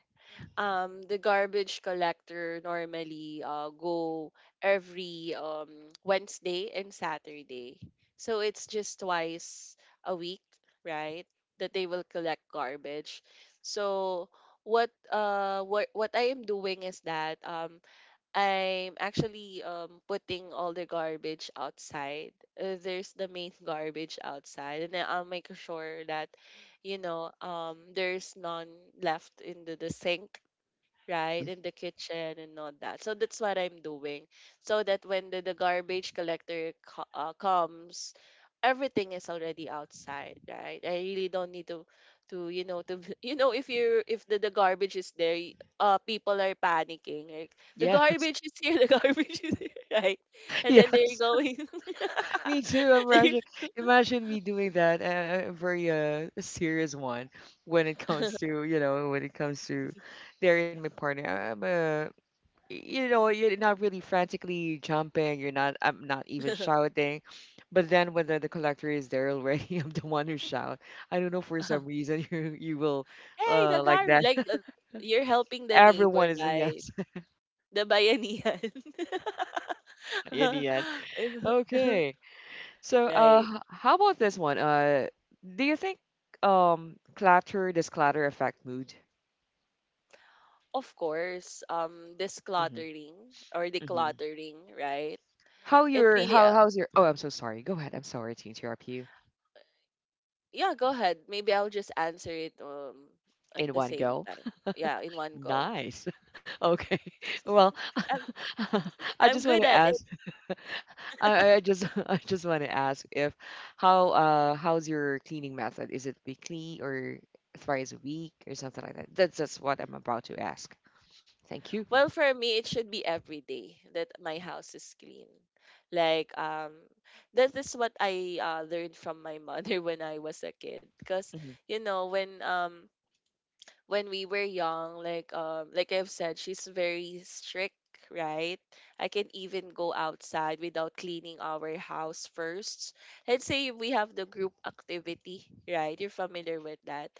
[SPEAKER 2] the garbage collector normally go every Wednesday and Saturday. So it's just twice a week, right? That they will collect garbage. So what what I am doing is that I'm actually putting all the garbage outside. There's the main garbage outside, and then I'll make sure that, you know, there's none left in the sink, right
[SPEAKER 1] Uh-huh.
[SPEAKER 2] in the kitchen and all that. So that's what I'm doing, so that when the garbage collector co- comes, everything is already outside, right? I really don't need to you know, to you know, if you're if the garbage is there, y- people are panicking like the
[SPEAKER 1] Yeah,
[SPEAKER 2] garbage is here, the garbage is here, right? And then they're
[SPEAKER 1] yes,
[SPEAKER 2] going,
[SPEAKER 1] me too. I'm
[SPEAKER 2] they-
[SPEAKER 1] rushing. Imagine me doing that. A very serious one when it comes to, when it comes to there, in my partner. I- I'm a You know, you're not really frantically jumping. You're not, I'm not even shouting, but then when the collector is there already, I'm the one who shout. I don't know for some reason, you will
[SPEAKER 2] hey, the
[SPEAKER 1] like
[SPEAKER 2] garbage,
[SPEAKER 1] that.
[SPEAKER 2] like the, you're helping the neighbor,
[SPEAKER 1] Everyone is a
[SPEAKER 2] right?
[SPEAKER 1] yes
[SPEAKER 2] The Bayanihan.
[SPEAKER 1] in the end. Okay, so
[SPEAKER 2] Right.
[SPEAKER 1] how about this one? Do you think, clatter does clatter affect mood?
[SPEAKER 2] Of course, this
[SPEAKER 1] hmm.
[SPEAKER 2] cluttering or
[SPEAKER 1] hmm.
[SPEAKER 2] decluttering, right? It really,
[SPEAKER 1] How's your... Oh, I'm so sorry, go ahead. I'm sorry to interrupt you.
[SPEAKER 2] yeah, go ahead. Maybe I'll just answer it at
[SPEAKER 1] In
[SPEAKER 2] the
[SPEAKER 1] one
[SPEAKER 2] same
[SPEAKER 1] go.
[SPEAKER 2] time. Yeah, in one go.
[SPEAKER 1] Nice. Okay. Well,
[SPEAKER 2] I'm,
[SPEAKER 1] I
[SPEAKER 2] I'm
[SPEAKER 1] just want
[SPEAKER 2] good
[SPEAKER 1] to
[SPEAKER 2] at it.
[SPEAKER 1] ask. I just I just want to ask, if how's your cleaning method? Is it weekly or thrice a week or something like that? That's what I'm about to ask. Thank you.
[SPEAKER 2] Well, for me, it should be every day that my house is clean. Like, that is what I learned from my mother when I was a kid. Because,
[SPEAKER 1] hmm.
[SPEAKER 2] you know, when we were young, like I've said, she's very strict, right? I can even go outside without cleaning our house first. Let's say we have the group activity, right? You're familiar with that.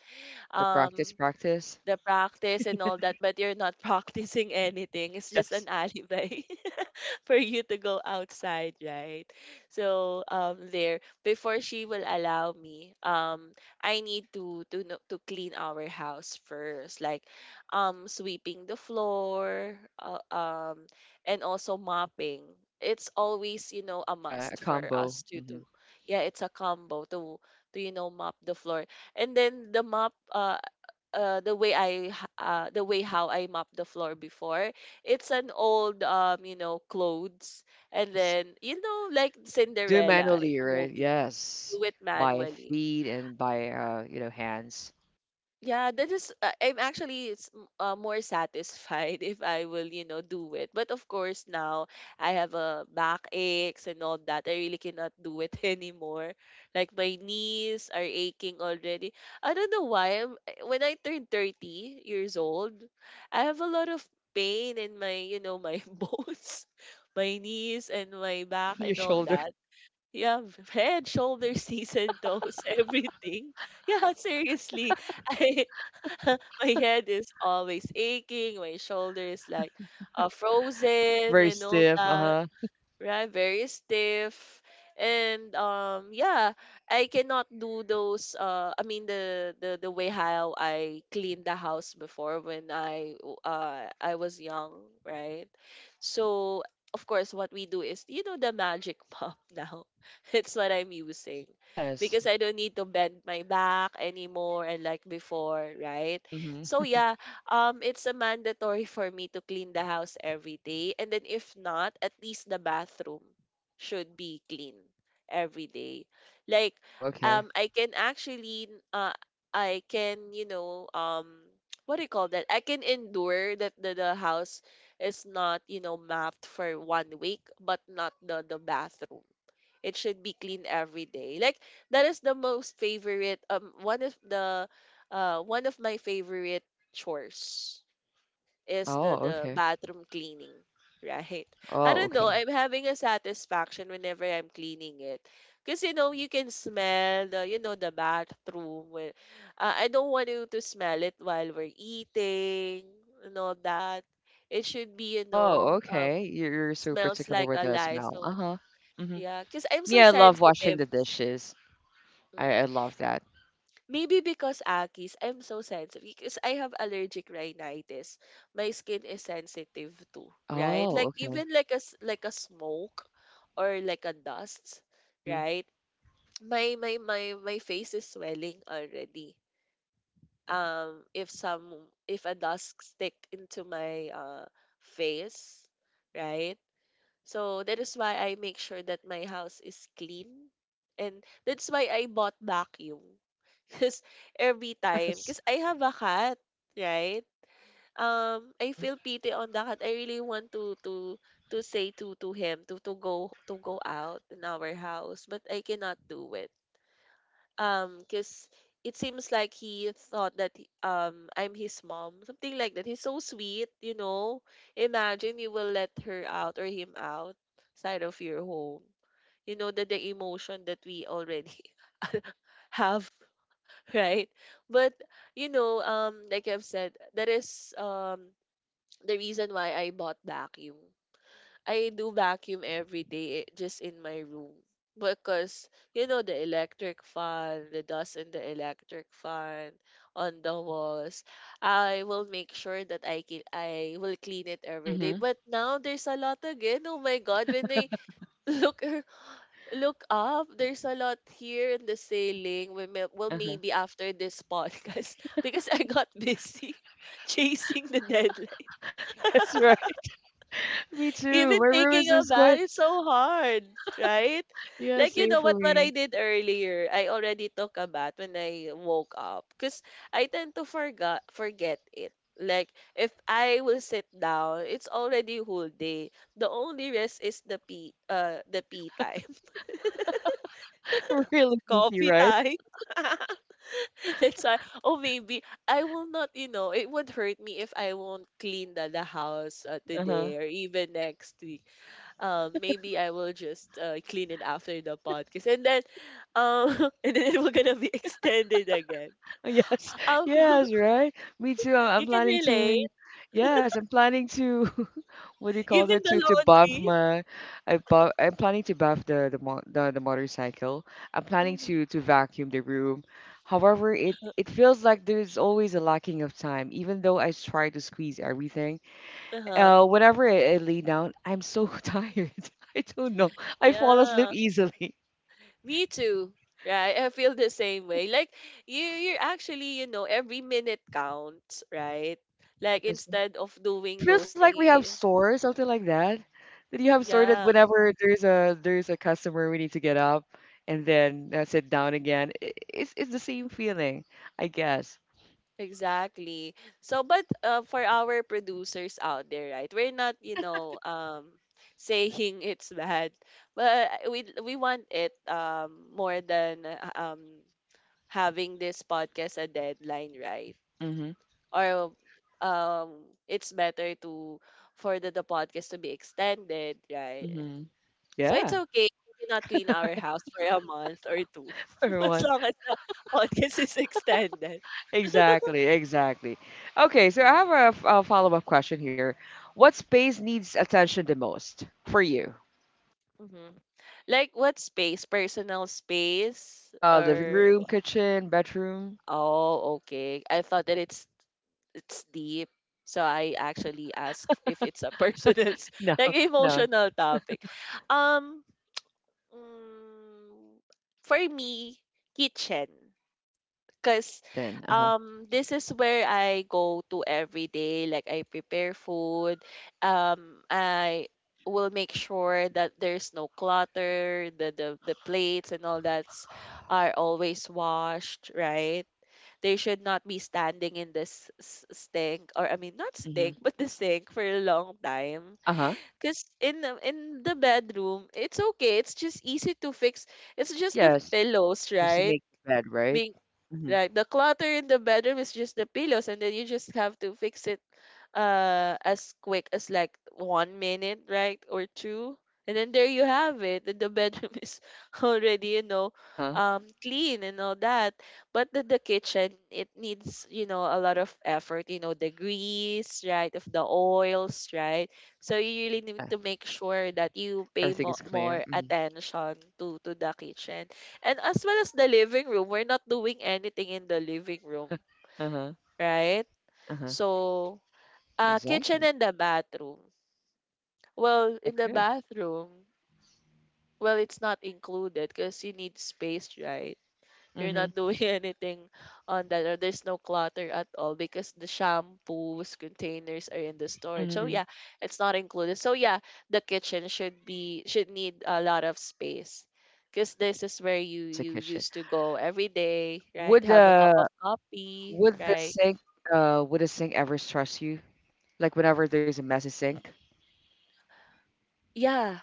[SPEAKER 1] That's the practice,
[SPEAKER 2] Um,
[SPEAKER 1] practice.
[SPEAKER 2] the practice and all that, but you're not practicing anything. It's just
[SPEAKER 1] Yes.
[SPEAKER 2] an alibi. For you to go outside, right? So there before she will allow me, I need to no- to clean our house first, like sweeping the floor, and also mopping. It's always, you know, a
[SPEAKER 1] Yeah, a
[SPEAKER 2] must for
[SPEAKER 1] combo.
[SPEAKER 2] us to
[SPEAKER 1] hmm.
[SPEAKER 2] do. Yeah, it's a combo to you know mop the floor. And then the mop the way I h- the way how I mop the floor before. It's an old you know, clothes, and
[SPEAKER 1] Yes.
[SPEAKER 2] then you know like
[SPEAKER 1] Do
[SPEAKER 2] Cinderella in
[SPEAKER 1] manually,
[SPEAKER 2] the
[SPEAKER 1] right?
[SPEAKER 2] movie,
[SPEAKER 1] Yes.
[SPEAKER 2] do it
[SPEAKER 1] By
[SPEAKER 2] manually.
[SPEAKER 1] feet and by hands.
[SPEAKER 2] Yeah, that is. I'm actually it's more satisfied if I will, you know, do it. But of course, now I have a back aches and all that. I really cannot do it anymore. Like my knees are aching already. I don't know why. I'm, I- when I turned 30 years old, I have a lot of pain in my, you know, my bones, my knees and my back
[SPEAKER 1] Your
[SPEAKER 2] and all
[SPEAKER 1] shoulder.
[SPEAKER 2] that. Yeah, head, shoulders, knees and toes, everything. Yeah, seriously. I my head is always aching, my shoulders like
[SPEAKER 1] Very
[SPEAKER 2] frozen and
[SPEAKER 1] stiff.
[SPEAKER 2] all
[SPEAKER 1] Uh huh.
[SPEAKER 2] that, right? Very stiff. And yeah, I cannot do those uh, I mean the way how I cleaned the house before when I w- I was young, right? So of course what we do is, you know, the magic mop now. It's what I'm using
[SPEAKER 1] Yes.
[SPEAKER 2] because I don't need to bend my back anymore and like before, right?
[SPEAKER 1] Mhm.
[SPEAKER 2] So yeah, it's a mandatory for me to clean the house every day. And then if not, at least the bathroom should be clean every day. Like,
[SPEAKER 1] Oh, okay.
[SPEAKER 2] I can actually, I can, you know, what do you call that? I can endure that the house is not, you know, mapped for 1 week, but not the bathroom. It should be clean every day. Like that is the most favorite one of the one of my favorite chores is
[SPEAKER 1] Oh,
[SPEAKER 2] the
[SPEAKER 1] okay.
[SPEAKER 2] bathroom cleaning. Right. I
[SPEAKER 1] Oh,
[SPEAKER 2] don't
[SPEAKER 1] okay.
[SPEAKER 2] know. I'm having a satisfaction whenever I'm cleaning it. Cause you know you can smell the you know the bathroom when I don't want you to smell it while we're eating and all that. It should be, you
[SPEAKER 1] Oh,
[SPEAKER 2] know,
[SPEAKER 1] okay. You're so
[SPEAKER 2] smells
[SPEAKER 1] particular
[SPEAKER 2] like
[SPEAKER 1] with
[SPEAKER 2] a
[SPEAKER 1] the
[SPEAKER 2] lie.
[SPEAKER 1] smell.
[SPEAKER 2] So
[SPEAKER 1] Uh-huh. Mm-hmm.
[SPEAKER 2] yeah, because I'm so
[SPEAKER 1] Yeah, I love washing
[SPEAKER 2] sensitive.
[SPEAKER 1] the dishes. I,
[SPEAKER 2] Mm.
[SPEAKER 1] I love that.
[SPEAKER 2] Maybe because Akis, I'm so sensitive because I have allergic rhinitis. My skin is sensitive too, right?
[SPEAKER 1] Oh,
[SPEAKER 2] Like
[SPEAKER 1] okay.
[SPEAKER 2] even like a s- like a smoke or like a dust,
[SPEAKER 1] Mm-hmm.
[SPEAKER 2] right? My face is swelling already. If some, if a dust stick into my face, right? So that is why I make sure that my house is clean. And that's why I bought vacuum. Because every time, because
[SPEAKER 1] Yes.
[SPEAKER 2] I have a cat, right? I
[SPEAKER 1] Mm-hmm.
[SPEAKER 2] feel pity on the cat. I really want to to say to him to go to go out in our house, but I cannot do it because it seems like he thought that he- I'm his mom, something like that. He's so sweet, you know. Imagine you will let her out or him out side of your home. You know that the emotion that we already have, right? But you know, like I've said, that is the reason why I bought vacuum. I do vacuum every day, eh, just in my room. Because, you know, the electric fan, the dust in the electric fan on the walls, I will make sure that I can, I will clean it every day.
[SPEAKER 1] Mm-hmm.
[SPEAKER 2] But now there's a lot again. Oh my God, when I look look up, there's a lot here in the ceiling. We may, well,
[SPEAKER 1] Uh-huh.
[SPEAKER 2] maybe after this podcast, because I got busy chasing the.
[SPEAKER 1] Yes, right. Me too.
[SPEAKER 2] Even
[SPEAKER 1] My room is
[SPEAKER 2] taking a
[SPEAKER 1] just
[SPEAKER 2] bath
[SPEAKER 1] quite,
[SPEAKER 2] is so hard, right?
[SPEAKER 1] yeah,
[SPEAKER 2] Like you
[SPEAKER 1] same
[SPEAKER 2] know
[SPEAKER 1] for
[SPEAKER 2] what I
[SPEAKER 1] me.
[SPEAKER 2] did earlier, I already took a bath when I woke up because I tend to forget it. Like if I will sit down, it's already whole day. The only rest is the pee time,
[SPEAKER 1] Really easy,
[SPEAKER 2] coffee
[SPEAKER 1] right?
[SPEAKER 2] time. That's why oh maybe I will not you know it would hurt me if I won't clean the house
[SPEAKER 1] Uh-huh.
[SPEAKER 2] today or even next week, maybe I will just clean it after the podcast, and then, and then it will gonna be extended again.
[SPEAKER 1] Yes.
[SPEAKER 2] Um,
[SPEAKER 1] Yes, right. Me too. I'm
[SPEAKER 2] you can
[SPEAKER 1] planning
[SPEAKER 2] relate,
[SPEAKER 1] to, yes, I'm planning to, what do you call
[SPEAKER 2] even
[SPEAKER 1] that,
[SPEAKER 2] the
[SPEAKER 1] to buff
[SPEAKER 2] laundry.
[SPEAKER 1] I'm planning to buff the, mo- the motorcycle. I'm planning
[SPEAKER 2] Hmm.
[SPEAKER 1] to vacuum the room. However, it feels like there's always a lacking of time, even though I try to squeeze everything.
[SPEAKER 2] Uh-huh.
[SPEAKER 1] Whenever I lay down, I'm so tired. I don't know. I fall asleep
[SPEAKER 2] Yeah,
[SPEAKER 1] easily.
[SPEAKER 2] me too. Right, I feel the same way. Like you, you're actually, you know, every minute counts, right? Like
[SPEAKER 1] Yes.
[SPEAKER 2] instead of doing
[SPEAKER 1] It
[SPEAKER 2] those
[SPEAKER 1] feels like we have
[SPEAKER 2] things,
[SPEAKER 1] sore, something like that. Did you have sore that
[SPEAKER 2] yeah.
[SPEAKER 1] whenever there's a customer, we need to get up and then sit down again? It's the same feeling, I guess.
[SPEAKER 2] Exactly. So, but for our producers out there, right? We're not, you know, saying it's bad, but we want it more than having this podcast a deadline, right?
[SPEAKER 1] Mm-hmm.
[SPEAKER 2] Or it's better to for the podcast to be extended, right?
[SPEAKER 1] Mm-hmm.
[SPEAKER 2] So it's
[SPEAKER 1] Yeah,
[SPEAKER 2] okay. If we cannot clean our house for a month or two, as
[SPEAKER 1] everyone.
[SPEAKER 2] long as the podcast is extended.
[SPEAKER 1] Exactly, exactly. Okay, so I
[SPEAKER 2] Right?
[SPEAKER 1] have a follow-up question here. What space needs attention the most for you?
[SPEAKER 2] Like what space? Personal space
[SPEAKER 1] Living
[SPEAKER 2] or
[SPEAKER 1] room, kitchen, bedroom?
[SPEAKER 2] oh, okay. I thought that it's deep. So I actually ask if it's a personal s-
[SPEAKER 1] No,
[SPEAKER 2] like
[SPEAKER 1] no.
[SPEAKER 2] emotional topic. Um mm, for me, kitchen. Because
[SPEAKER 1] Kitchen. Uh-huh.
[SPEAKER 2] this is where I go to every day. Like I prepare food. I will make sure that there's no clutter. The plates and all that's are always washed, right? They should not be standing in this s- stink, or I mean, not
[SPEAKER 1] Mm-hmm.
[SPEAKER 2] stink, but the sink for a long time.
[SPEAKER 1] Uh-huh.
[SPEAKER 2] Because in the bedroom, it's okay. It's just easy to fix. It's just the
[SPEAKER 1] Yes.
[SPEAKER 2] pillows,
[SPEAKER 1] Just to
[SPEAKER 2] right?
[SPEAKER 1] make the bed, right?
[SPEAKER 2] Being.
[SPEAKER 1] hmm.
[SPEAKER 2] Like the clutter in the bedroom is just the pillows, and then you just have to fix it as quick as like 1 minute, right? Or two. And then there you have it. And the bedroom is already,
[SPEAKER 1] Uh-huh.
[SPEAKER 2] clean and all that. But the kitchen, it needs, you know, a lot of effort, you know, the grease, right? Of the oils, right? So you really need
[SPEAKER 1] Yeah,
[SPEAKER 2] to make sure that you pay
[SPEAKER 1] everything
[SPEAKER 2] mo-
[SPEAKER 1] is clear.
[SPEAKER 2] more
[SPEAKER 1] hmm.
[SPEAKER 2] attention to the kitchen and as well as the living room, we're not doing anything in the living room,
[SPEAKER 1] Uh-huh.
[SPEAKER 2] right?
[SPEAKER 1] Uh-huh.
[SPEAKER 2] So, kitchen
[SPEAKER 1] Exactly.
[SPEAKER 2] and the bathroom. Well, in the
[SPEAKER 1] Okay.
[SPEAKER 2] bathroom, well, it's not included because you need space, right? You're not
[SPEAKER 1] Mhm.
[SPEAKER 2] doing anything on that, or there's no clutter at all because the shampoos containers are in the storage. So
[SPEAKER 1] Mhm.
[SPEAKER 2] yeah, it's not included. So yeah, the kitchen should need a lot of space because this is where you
[SPEAKER 1] It's the
[SPEAKER 2] you
[SPEAKER 1] kitchen.
[SPEAKER 2] used to go every day, right?
[SPEAKER 1] Would
[SPEAKER 2] Have a cup of
[SPEAKER 1] the
[SPEAKER 2] coffee,
[SPEAKER 1] would the
[SPEAKER 2] right?
[SPEAKER 1] sink would the sink ever stress you? Like whenever there's a messy sink.
[SPEAKER 2] Yeah,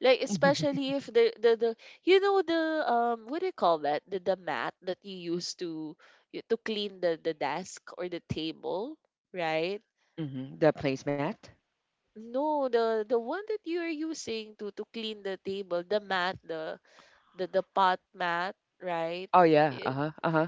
[SPEAKER 2] like especially if the you know the what do you call that the mat that you use to you- to clean the desk or the table, right?
[SPEAKER 1] Mhm. The placemat.
[SPEAKER 2] No, the one that you are using to clean the table, the mat, the pot mat, right?
[SPEAKER 1] Oh yeah,
[SPEAKER 2] It,
[SPEAKER 1] uh-huh, uh-huh.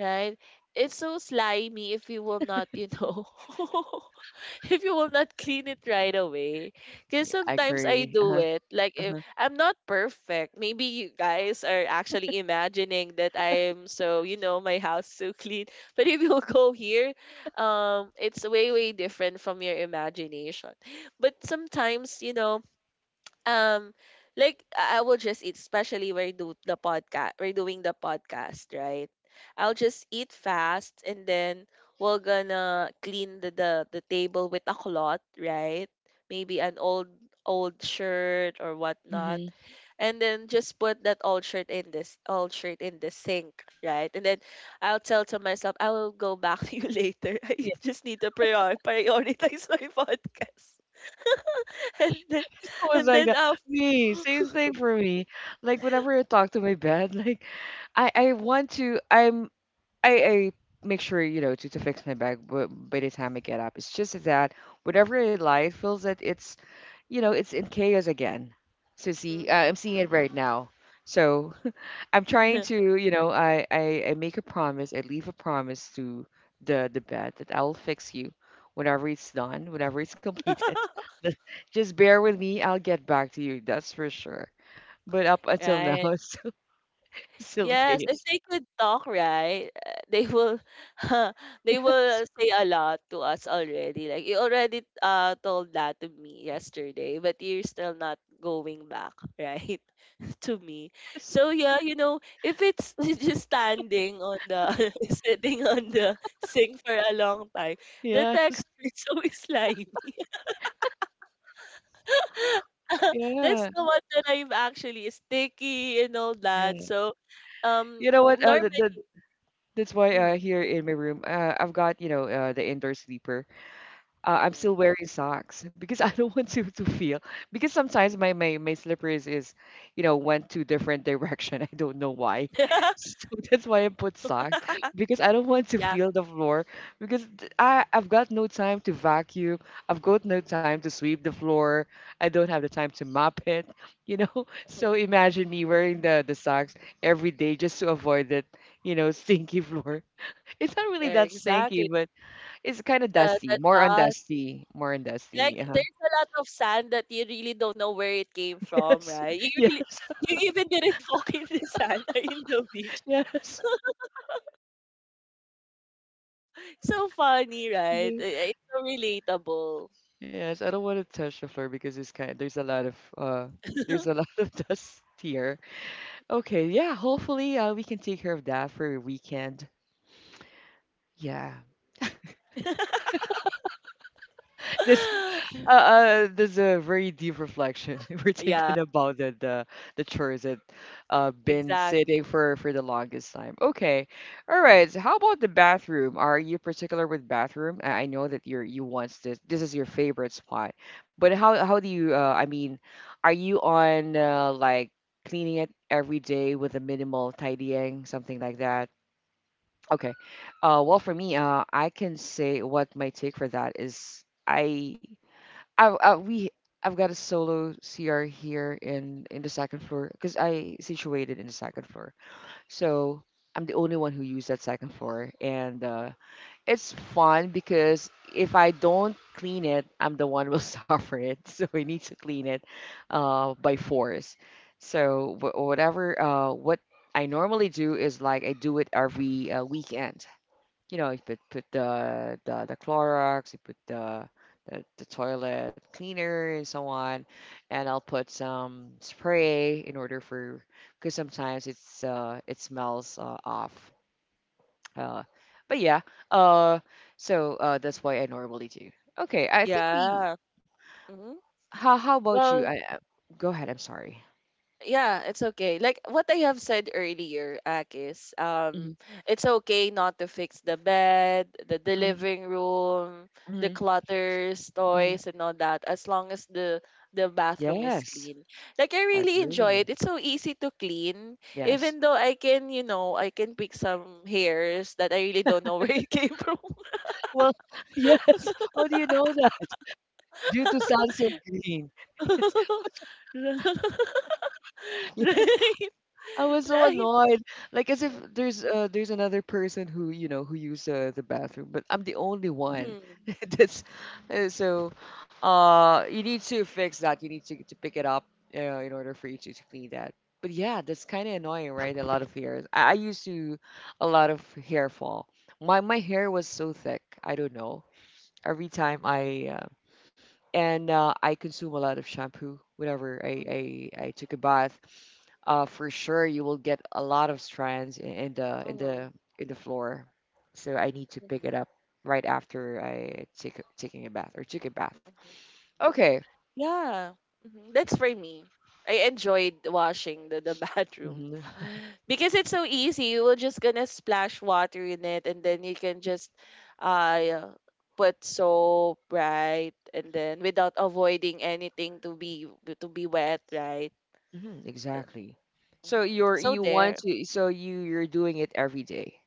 [SPEAKER 2] right? It's so slimy if you will not, you know. If you will not clean it right away. Because
[SPEAKER 1] I
[SPEAKER 2] sometimes I
[SPEAKER 1] agree.
[SPEAKER 2] do
[SPEAKER 1] Uh-huh,
[SPEAKER 2] it. Like, if,
[SPEAKER 1] uh-huh.
[SPEAKER 2] I'm not perfect. Maybe you guys are actually imagining that I am so, you know, my house so clean. But if you go here, it's way, way different from your imagination. But sometimes, you know, um like I will just eat, especially we're doing the podcast, right? I'll just eat fast and then we're gonna clean the table with a cloth, right? Maybe an old shirt or whatnot.
[SPEAKER 1] Mhm.
[SPEAKER 2] And then just put that old shirt in this old shirt in the sink, right? And then I'll tell to myself, I will go back to you later. I
[SPEAKER 1] Yeah.
[SPEAKER 2] just need to prioritize my podcast. and then
[SPEAKER 1] I was
[SPEAKER 2] and
[SPEAKER 1] like
[SPEAKER 2] then
[SPEAKER 1] that. Me, same thing for me. Like whenever I talk to my bed, like I want to. I make sure, you know, to fix my bag by the time I get up. It's just that whatever I lie, it feels that it's, you know, it's in chaos again. So see, I'm
[SPEAKER 2] Mhm.
[SPEAKER 1] seeing it right now. So I'm trying to, you know, I make a promise, I leave a promise to the bed that I'll fix you whenever it's done, whenever it's completed. Just bear with me, I'll get back to you, that's for sure. But up until now,
[SPEAKER 2] Right.
[SPEAKER 1] it's still
[SPEAKER 2] Yes, if
[SPEAKER 1] chaos.
[SPEAKER 2] they could talk, right, they will they will
[SPEAKER 1] Yes,
[SPEAKER 2] say a lot to us already. Like you already told that to me yesterday, but you're still not going back, right? To me.
[SPEAKER 1] yes,
[SPEAKER 2] So yeah, you know, if it's just standing on the sitting on the sink for a long time, the
[SPEAKER 1] yes,
[SPEAKER 2] texture is so slimy. That's
[SPEAKER 1] yeah.
[SPEAKER 2] the one that I'm actually sticky and all that.
[SPEAKER 1] Yeah.
[SPEAKER 2] So,
[SPEAKER 1] You know what?
[SPEAKER 2] normally,
[SPEAKER 1] That's why
[SPEAKER 2] mm
[SPEAKER 1] here in my room, I've got, you know, the indoor sleeper. I'm still
[SPEAKER 2] mm
[SPEAKER 1] wearing socks because I don't want to feel because sometimes my slippers is, you know, went to different direction. I don't know why. So that's why I put socks because I don't want to
[SPEAKER 2] yeah,
[SPEAKER 1] feel the floor because I've got no time to vacuum. I've got no time to sweep the floor. I don't have the time to mop it, you know.
[SPEAKER 2] mhm.
[SPEAKER 1] So imagine me wearing the socks every day just to avoid that, you know, stinky floor. It's not really
[SPEAKER 2] Eh,
[SPEAKER 1] that stinky,
[SPEAKER 2] exactly.
[SPEAKER 1] but. It's kind of
[SPEAKER 2] The
[SPEAKER 1] dusty,
[SPEAKER 2] the
[SPEAKER 1] more on
[SPEAKER 2] dust,
[SPEAKER 1] dusty, more on dusty.
[SPEAKER 2] like
[SPEAKER 1] Uh-huh.
[SPEAKER 2] there's a lot of sand that you really don't know where it came from,
[SPEAKER 1] Yes,
[SPEAKER 2] right? You
[SPEAKER 1] yeah,
[SPEAKER 2] really, you even didn't walk in the sand or in the beach.
[SPEAKER 1] yes,
[SPEAKER 2] So funny, right?
[SPEAKER 1] yeah,
[SPEAKER 2] It's so relatable.
[SPEAKER 1] yes. I don't want to touch the floor because it's kind. There's a lot of there's a lot of dust here. Okay, yeah. Hopefully, we can take care of that for a weekend. Yeah. This there's a very deep reflection. We're
[SPEAKER 2] Yeah,
[SPEAKER 1] thinking about the chores that been
[SPEAKER 2] exactly.
[SPEAKER 1] sitting for the longest time. Okay. All right. So how about the bathroom? Are you particular with bathroom? I know that you want this is your favorite spot. But how do you I mean, are you on like cleaning it every day with a minimal tidying, something like that? Okay. Well, for me, I can say what my take for that is I we I've got a solo CR here in the second floor because I situated in the second floor, so I'm the only one who use that second floor, and it's fun because if I don't clean it, I'm the one who will suffer it. So I need to clean it by force. So what I normally do is like I do it every weekend. You know, you put the the Clorox, you put the toilet cleaner and so on, and I'll put some spray in order for because sometimes it's it smells off. Uh, but yeah, uh, that's why I normally do. Okay, I think we.
[SPEAKER 2] Yeah. Mhm.
[SPEAKER 1] How about you?
[SPEAKER 2] Well,
[SPEAKER 1] Go ahead. I'm sorry.
[SPEAKER 2] yeah, it's okay. Like what I have said earlier, Akis.
[SPEAKER 1] Hmm
[SPEAKER 2] It's okay not to fix the bed, the
[SPEAKER 1] hmm
[SPEAKER 2] living room, the
[SPEAKER 1] hmm
[SPEAKER 2] clutters,
[SPEAKER 1] hmm
[SPEAKER 2] toys, and all that, as long as the bathroom is
[SPEAKER 1] Yes,
[SPEAKER 2] clean. Like I
[SPEAKER 1] I
[SPEAKER 2] really enjoy it.
[SPEAKER 1] agree.
[SPEAKER 2] It's so easy to clean,
[SPEAKER 1] Yes.
[SPEAKER 2] even though I can, you know, I can pick some hairs that I really don't know where it came from.
[SPEAKER 1] Well, yes. How do you know that? Due to sunset green. Yes. Yeah,
[SPEAKER 2] Right,
[SPEAKER 1] I was so
[SPEAKER 2] right.
[SPEAKER 1] annoyed. Like as if there's there's another person who you know who used the bathroom, but I'm the only one.
[SPEAKER 2] Mhm,
[SPEAKER 1] That's so. You need to fix that. You need to pick it up in order for you to clean that. But yeah, that's kind of annoying, right? A lot of hairs. I used to a lot of hair fall. My hair was so thick. I don't know. Every time I and I consume a lot of shampoo whenever I,
[SPEAKER 2] mhm.
[SPEAKER 1] I, I took a bath. For sure, you will get a lot of strands in the in
[SPEAKER 2] Mhm,
[SPEAKER 1] the in the floor. So I need to pick
[SPEAKER 2] mhm,
[SPEAKER 1] it up right after I taking a bath or took a bath.
[SPEAKER 2] mhm.
[SPEAKER 1] Okay.
[SPEAKER 2] Yeah, mhm. That's for me. I enjoyed washing the bathroom
[SPEAKER 1] hmm
[SPEAKER 2] because it's so easy. You will just gonna splash water in it, and then you can just uh put soap right, and then without avoiding anything to be wet right.
[SPEAKER 1] hmm
[SPEAKER 2] Uh,
[SPEAKER 1] exactly. So
[SPEAKER 2] mhm.
[SPEAKER 1] you're
[SPEAKER 2] So
[SPEAKER 1] you want
[SPEAKER 2] there.
[SPEAKER 1] to so you're doing it every day.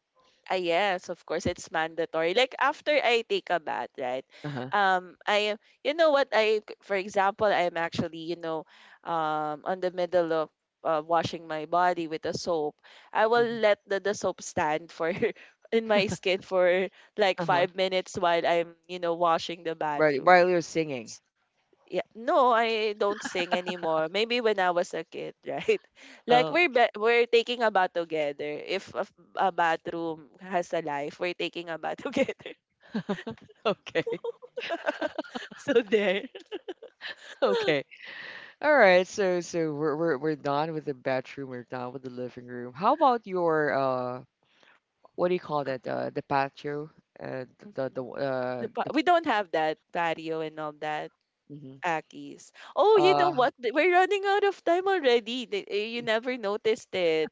[SPEAKER 2] Ah, yes, of course, it's mandatory. Like after I take a bath, right?
[SPEAKER 1] Uh-huh.
[SPEAKER 2] I am, you know what? I, for example, I'm actually, you know, on the middle of washing my body with a soap. I will
[SPEAKER 1] hmm
[SPEAKER 2] let the soap stand for in my skin for like
[SPEAKER 1] Uh-huh.
[SPEAKER 2] 5 minutes while I'm, you know, washing the
[SPEAKER 1] While
[SPEAKER 2] bathroom.
[SPEAKER 1] you're singing.
[SPEAKER 2] Yeah, no, I don't sing anymore. Maybe when I was a kid, right? Like
[SPEAKER 1] Oh.
[SPEAKER 2] we're taking a bath together. If a bathroom has a life, we're taking a bath together.
[SPEAKER 1] Okay.
[SPEAKER 2] So there.
[SPEAKER 1] Okay. All right, so so we're done with the bedroom. We're done with the living room. How about your what do you call
[SPEAKER 2] Ah,
[SPEAKER 1] that? The patio, uh,
[SPEAKER 2] mhm.
[SPEAKER 1] the
[SPEAKER 2] We don't have that patio and all that
[SPEAKER 1] hmm
[SPEAKER 2] Akis. Oh, you
[SPEAKER 1] uh,
[SPEAKER 2] know what? We're running out of time already. You never noticed it.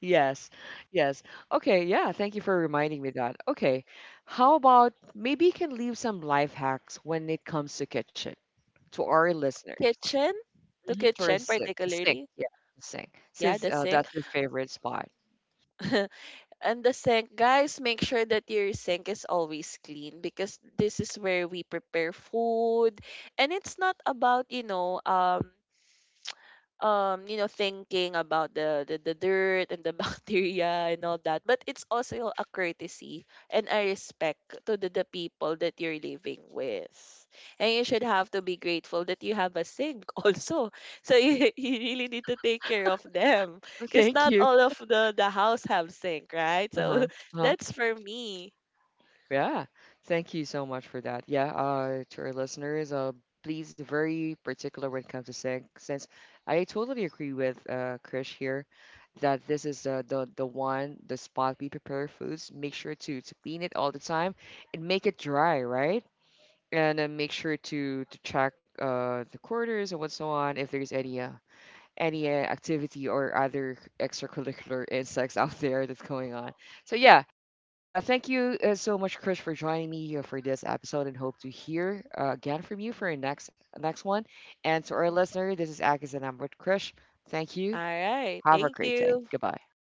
[SPEAKER 1] yes, yes. Okay, yeah. Thank you for reminding me that. Okay, how about maybe you can leave some life hacks when it comes to kitchen to our listeners.
[SPEAKER 2] Kitchen, the
[SPEAKER 1] Mhm. To our
[SPEAKER 2] kitchen
[SPEAKER 1] sink, the sink,
[SPEAKER 2] particularly.
[SPEAKER 1] yeah, the sink,
[SPEAKER 2] Yeah,
[SPEAKER 1] since
[SPEAKER 2] the sink.
[SPEAKER 1] that's your favorite spot.
[SPEAKER 2] And the sink, guys, make sure that your sink is always clean because this is where we prepare food. And it's not about, you know, thinking about the dirt and the bacteria and all that. But it's also a courtesy and a respect to the people that you're living with. And you should have to be grateful that you have a sink also. So you, you really need to take care of them. Because
[SPEAKER 1] Thank
[SPEAKER 2] not
[SPEAKER 1] you.
[SPEAKER 2] all of the house have sink, right?
[SPEAKER 1] Uh huh.
[SPEAKER 2] So
[SPEAKER 1] Uh-huh.
[SPEAKER 2] that's for me.
[SPEAKER 1] Yeah, thank you so much for that. Yeah, to our listeners, please very particular when it comes to sex, since I totally agree with Krish here that this is the spot we prepare foods. Make sure to clean it all the time and make it dry, right? And then make sure to check the quarters and what's so on if there's any activity or other extracurricular insects out there that's going on. So yeah, thank you so much, Chris, for joining me here for this episode, and hope to hear again from you
[SPEAKER 2] Mhm.
[SPEAKER 1] for our next one. And to our listener, this is Agus, and I'm with Chris. Thank
[SPEAKER 2] All
[SPEAKER 1] you.
[SPEAKER 2] right.
[SPEAKER 1] Have a
[SPEAKER 2] Thank
[SPEAKER 1] great day.
[SPEAKER 2] you.
[SPEAKER 1] Goodbye.
[SPEAKER 2] All